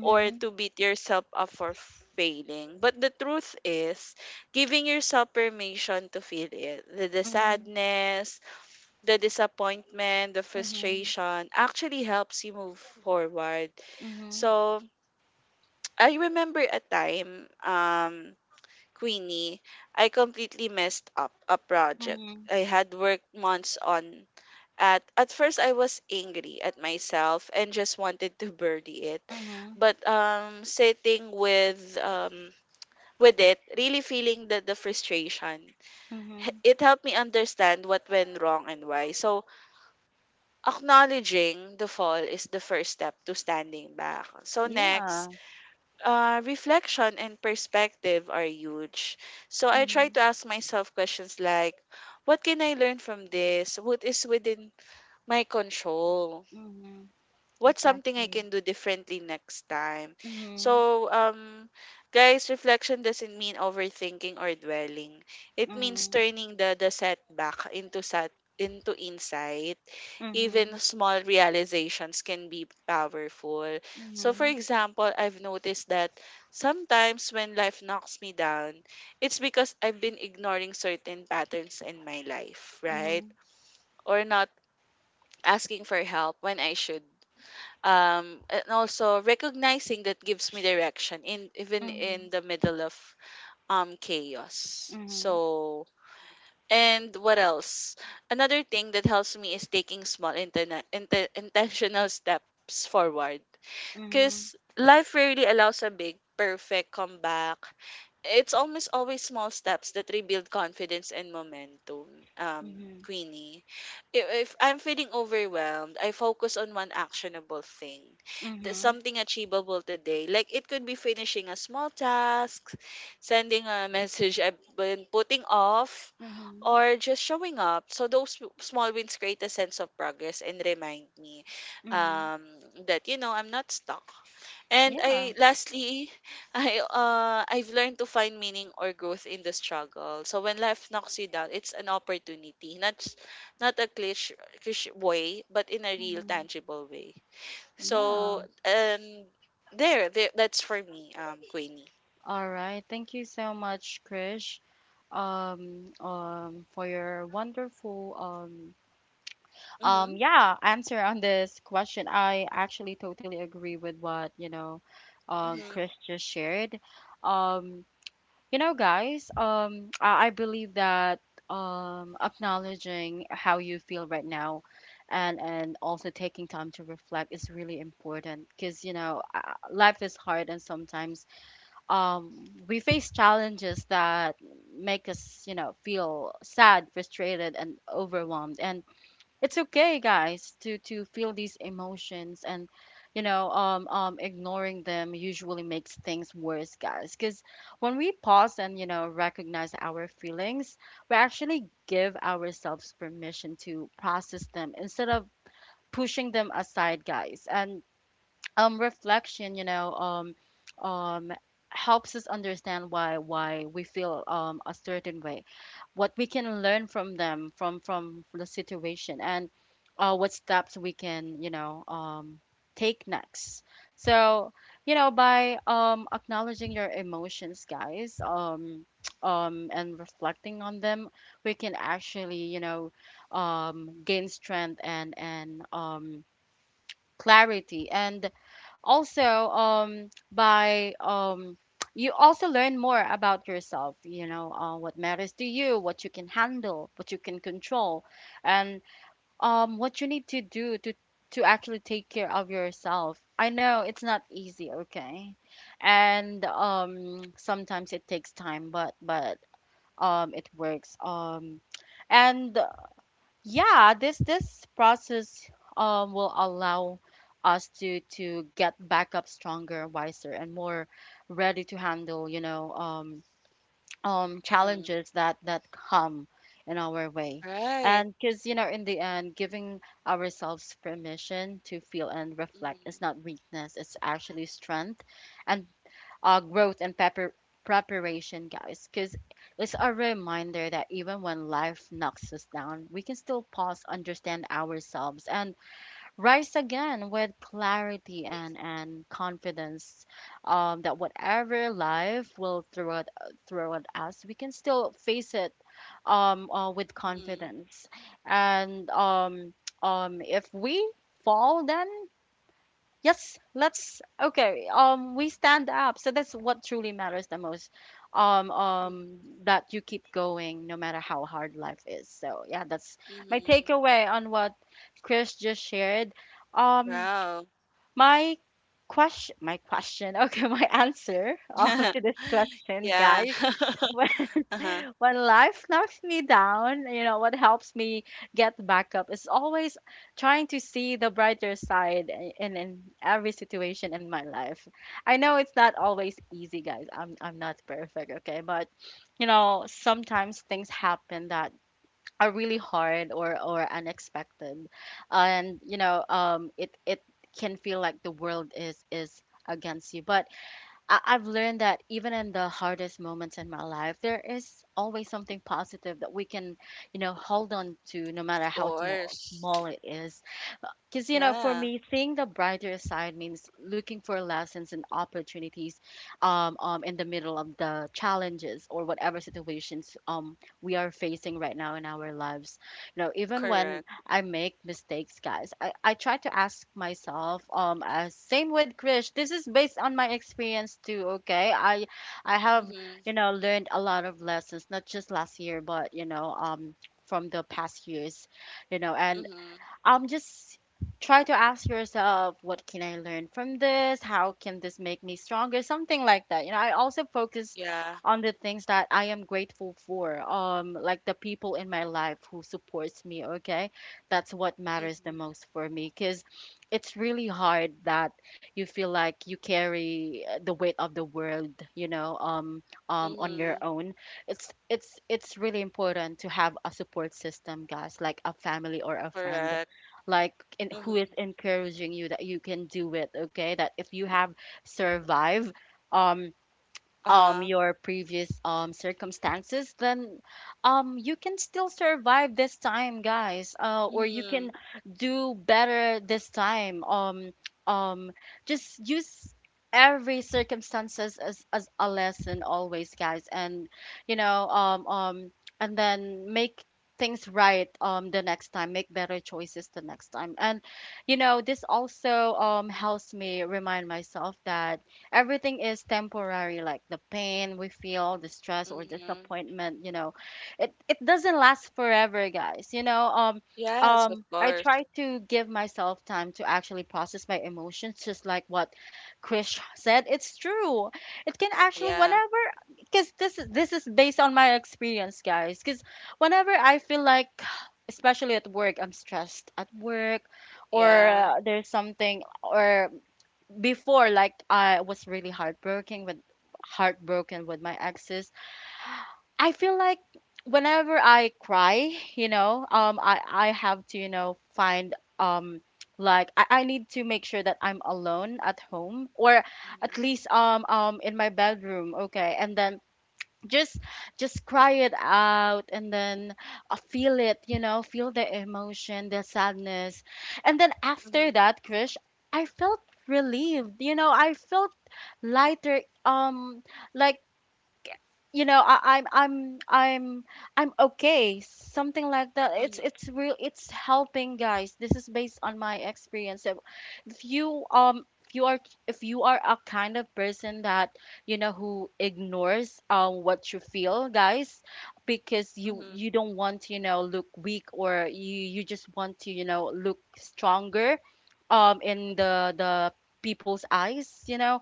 Speaker 2: or to beat yourself up for failing. But the truth is, giving yourself permission to feel it, the
Speaker 1: Mhm.
Speaker 2: sadness, the disappointment, the
Speaker 1: Mhm.
Speaker 2: frustration, actually helps you move forward.
Speaker 1: Mhm.
Speaker 2: So I remember a time, Queenie, I completely messed up a project
Speaker 1: Mhm.
Speaker 2: I had worked months on. At first I was angry at myself and just wanted to bury it.
Speaker 1: Mhm.
Speaker 2: But sitting with it, really feeling the frustration,
Speaker 1: Mhm.
Speaker 2: it helped me understand what went wrong and why. So acknowledging the fall is the first step to standing back. So next,
Speaker 1: Yeah.
Speaker 2: reflection and perspective are huge. So I try
Speaker 1: Mhm.
Speaker 2: to ask myself questions like, what can I learn from this? What is within my control?
Speaker 1: Mhm.
Speaker 2: What's something I
Speaker 1: Exactly.
Speaker 2: can do differently next time?
Speaker 1: Mhm.
Speaker 2: So, guys, reflection doesn't mean overthinking or dwelling. It means
Speaker 1: Mhm.
Speaker 2: turning the setback into insight. Even
Speaker 1: Mhm.
Speaker 2: small realizations can be powerful. So, for
Speaker 1: Mhm.
Speaker 2: example, I've noticed that sometimes when life knocks me down, it's because I've been ignoring certain patterns in my life, right?
Speaker 1: Mhm.
Speaker 2: Or not asking for help when I should, um, and also recognizing that gives me direction in even in
Speaker 1: Mhm.
Speaker 2: the middle of, um, chaos. So,
Speaker 1: Mhm.
Speaker 2: and what else, another thing that helps me is taking small intentional steps forward,
Speaker 1: Mhm.
Speaker 2: because life rarely allows a big perfect comeback. It's almost always small steps that rebuild confidence and momentum, um,
Speaker 1: Mhm.
Speaker 2: Queenie. If I'm feeling overwhelmed, I focus on one actionable thing,
Speaker 1: Mhm.
Speaker 2: something achievable today. Like it could be finishing a small task, sending a message I've been putting off,
Speaker 1: Mhm.
Speaker 2: or just showing up. So those small wins create a sense of progress and remind me,
Speaker 1: Mhm.
Speaker 2: um, that, you know, I'm not stuck. And
Speaker 1: Yeah.
Speaker 2: I lastly, I I've learned to find meaning or growth in the struggle. So when life knocks you down, it's an opportunity, not a cliche, cliche way, but in a real
Speaker 1: Mhm.
Speaker 2: tangible way.
Speaker 1: Yeah.
Speaker 2: So, um, there that's for me, um, Queenie.
Speaker 1: All right. Thank you so much, Krish, for your wonderful,
Speaker 2: Mhm.
Speaker 1: yeah, answer on this question. I actually totally agree with what, you know,
Speaker 2: Mhm.
Speaker 1: Chris just shared. Um, you know, guys, I believe that, acknowledging how you feel right now and also taking time to reflect is really important, because, you know, life is hard, and sometimes, we face challenges that make us, you know, feel sad, frustrated, and overwhelmed. And it's okay, guys, to feel these emotions. And, you know, ignoring them usually makes things worse, guys. Because when we pause and, you know, recognize our feelings, we actually give ourselves permission to process them, instead of pushing them aside, guys. And reflection, you know, um helps us understand why we feel a certain way, what we can learn from them, from the situation, and what steps we can, you know, take next. So, you know, by acknowledging your emotions, guys, and reflecting on them, we can actually, you know, gain strength, and clarity, and also, by, you also learn more about yourself, you know, what matters to you, what you can handle, what you can control, and what you need to do, to actually take care of yourself. I know it's not easy, okay. And sometimes it takes time, but it works. And yeah, this process will allow us to get back up stronger, wiser, and more ready to handle, you know,
Speaker 2: Mhm.
Speaker 1: challenges that come in our way.
Speaker 2: Right.
Speaker 1: And because, you know, in the end, giving ourselves permission to feel and reflect
Speaker 2: Mhm.
Speaker 1: is not weakness; it's actually strength. And growth and pepper preparation, guys, because it's a reminder that even when life knocks us down, we can still pause, understand ourselves, and rise again with clarity and confidence, that whatever life will throw at us, we can still face it, with
Speaker 2: Mhm.
Speaker 1: confidence. And if we fall, then yes, let's, okay. We stand up. So that's what truly matters the most. Um, um,
Speaker 2: Mhm.
Speaker 1: that you keep going, no matter how hard life is. So yeah, that's my
Speaker 2: Mhm.
Speaker 1: takeaway on what Chris just shared. Um,
Speaker 2: Wow.
Speaker 1: my question, my question. Okay, my answer, to this question,
Speaker 2: Yeah.
Speaker 1: guys.
Speaker 2: Uh-huh.
Speaker 1: When life knocks me down, you know, what helps me get back up is always trying to see the brighter side, in every situation in my life. I know it's not always easy, guys. I'm not perfect, okay? But, you know, sometimes things happen that are really hard, or unexpected. And, you know, it can feel like the world is against you. But I've learned that even in the hardest moments in my life, there is always something positive that we can, you know, hold on to, no matter
Speaker 2: Of
Speaker 1: how
Speaker 2: course.
Speaker 1: small it is. Because, you know, for
Speaker 2: Yeah.
Speaker 1: me, seeing the brighter side means looking for lessons and opportunities, in the middle of the challenges, or whatever situations we are facing right now in our lives. You know, even
Speaker 2: Correct.
Speaker 1: when I make mistakes, guys, I try to ask myself, same with Krish, this is based on my experience too, okay? I have,
Speaker 2: Mhm.
Speaker 1: you know, learned a lot of lessons, not just last year, but, you know, from the past years, you know. And
Speaker 2: Mhm.
Speaker 1: just try to ask yourself, what can I learn from this? How can this make me stronger? Something like that. You know, I also focus
Speaker 2: Yeah.
Speaker 1: on the things that I am grateful for, like the people in my life who supports me, okay. That's what matters the
Speaker 2: Mhm.
Speaker 1: most for me, because it's really hard that you feel like you carry, the weight of the world, you know, on your
Speaker 2: Mhm.
Speaker 1: own. It's really important to have a support system, guys, like a family or a friend,
Speaker 2: Correct.
Speaker 1: like, who is
Speaker 2: Mhm.
Speaker 1: encouraging you that you can do it, okay. That if you have survived um
Speaker 2: Uh-huh.
Speaker 1: your previous circumstances, then you can still survive this time, guys. Or you
Speaker 2: Mhm.
Speaker 1: can do better this time. Um just use every circumstances as a lesson always, guys. And, you know, and then make things right, the next time, make better choices the next time. And you know, this also helps me remind myself that everything is temporary, like the pain we feel, the stress or
Speaker 2: Mhm.
Speaker 1: disappointment, you know, it doesn't last forever, guys, you know.
Speaker 2: Yes, of
Speaker 1: I
Speaker 2: course.
Speaker 1: try to give myself time to actually process my emotions, just like what Krish said, it's true. It can actually,
Speaker 2: Yeah.
Speaker 1: whenever, because this is based on my experience, guys, because whenever I feel like, especially at work, I'm stressed at work, or,
Speaker 2: Yeah.
Speaker 1: there's something, or before, like, I was really heartbroken with my exes. I feel like, whenever I cry, you know, I have to, you know, find, like, I need to make sure that I'm alone at home, or at
Speaker 2: Mhm.
Speaker 1: least, in my bedroom, okay? And then just just cry it out, and then, feel it, you know, feel the emotion, the sadness. And then
Speaker 2: Mhm.
Speaker 1: after that, Krish, I felt relieved, you know, I felt lighter, like, you know, I, I'm okay, something like that. it's
Speaker 2: Mhm.
Speaker 1: it's real, it's helping, guys. This is based on my experience. So if you, if you are a kind of person that, you know, who ignores what you feel, guys, because you
Speaker 2: Mhm.
Speaker 1: you don't want to, you know, look weak, or you just want to, you know, look stronger, in the people's eyes, you know,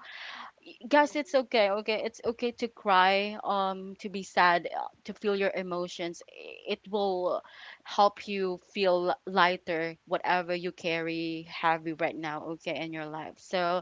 Speaker 1: guys. It's
Speaker 2: Mhm.
Speaker 1: okay, okay, it's okay to cry, to be sad, to feel your emotions. It will help you feel lighter, whatever you carry heavy right now, okay, in your life. So,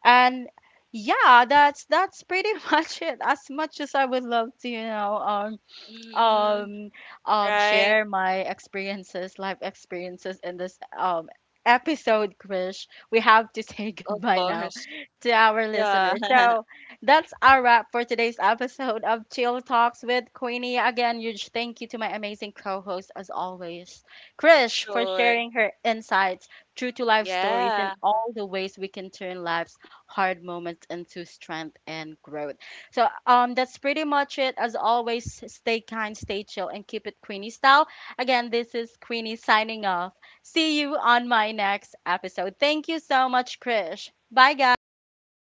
Speaker 1: and yeah, that's pretty much it. As much as I would love to, you know,
Speaker 2: Mhm.
Speaker 1: um
Speaker 2: Right.
Speaker 1: share my experiences, life experiences in this, episode, Krish, we have to say
Speaker 2: Of
Speaker 1: goodbye now
Speaker 2: course.
Speaker 1: to our
Speaker 2: Yeah.
Speaker 1: listeners. So that's our wrap for today's episode of Chill Talks with Queenie. Again, huge thank you to my amazing co-host as always, Krish, for
Speaker 2: Sure.
Speaker 1: sharing her insights, true to life stories,
Speaker 2: Yeah.
Speaker 1: and all the ways we can turn life's hard moments into strength and growth. So, that's pretty much it. As always, stay kind, stay chill, and keep it Queenie style. Again, this is Queenie signing off. See you on my next episode. Thank you so much, Krish. Bye, guys.
Speaker 2: Thank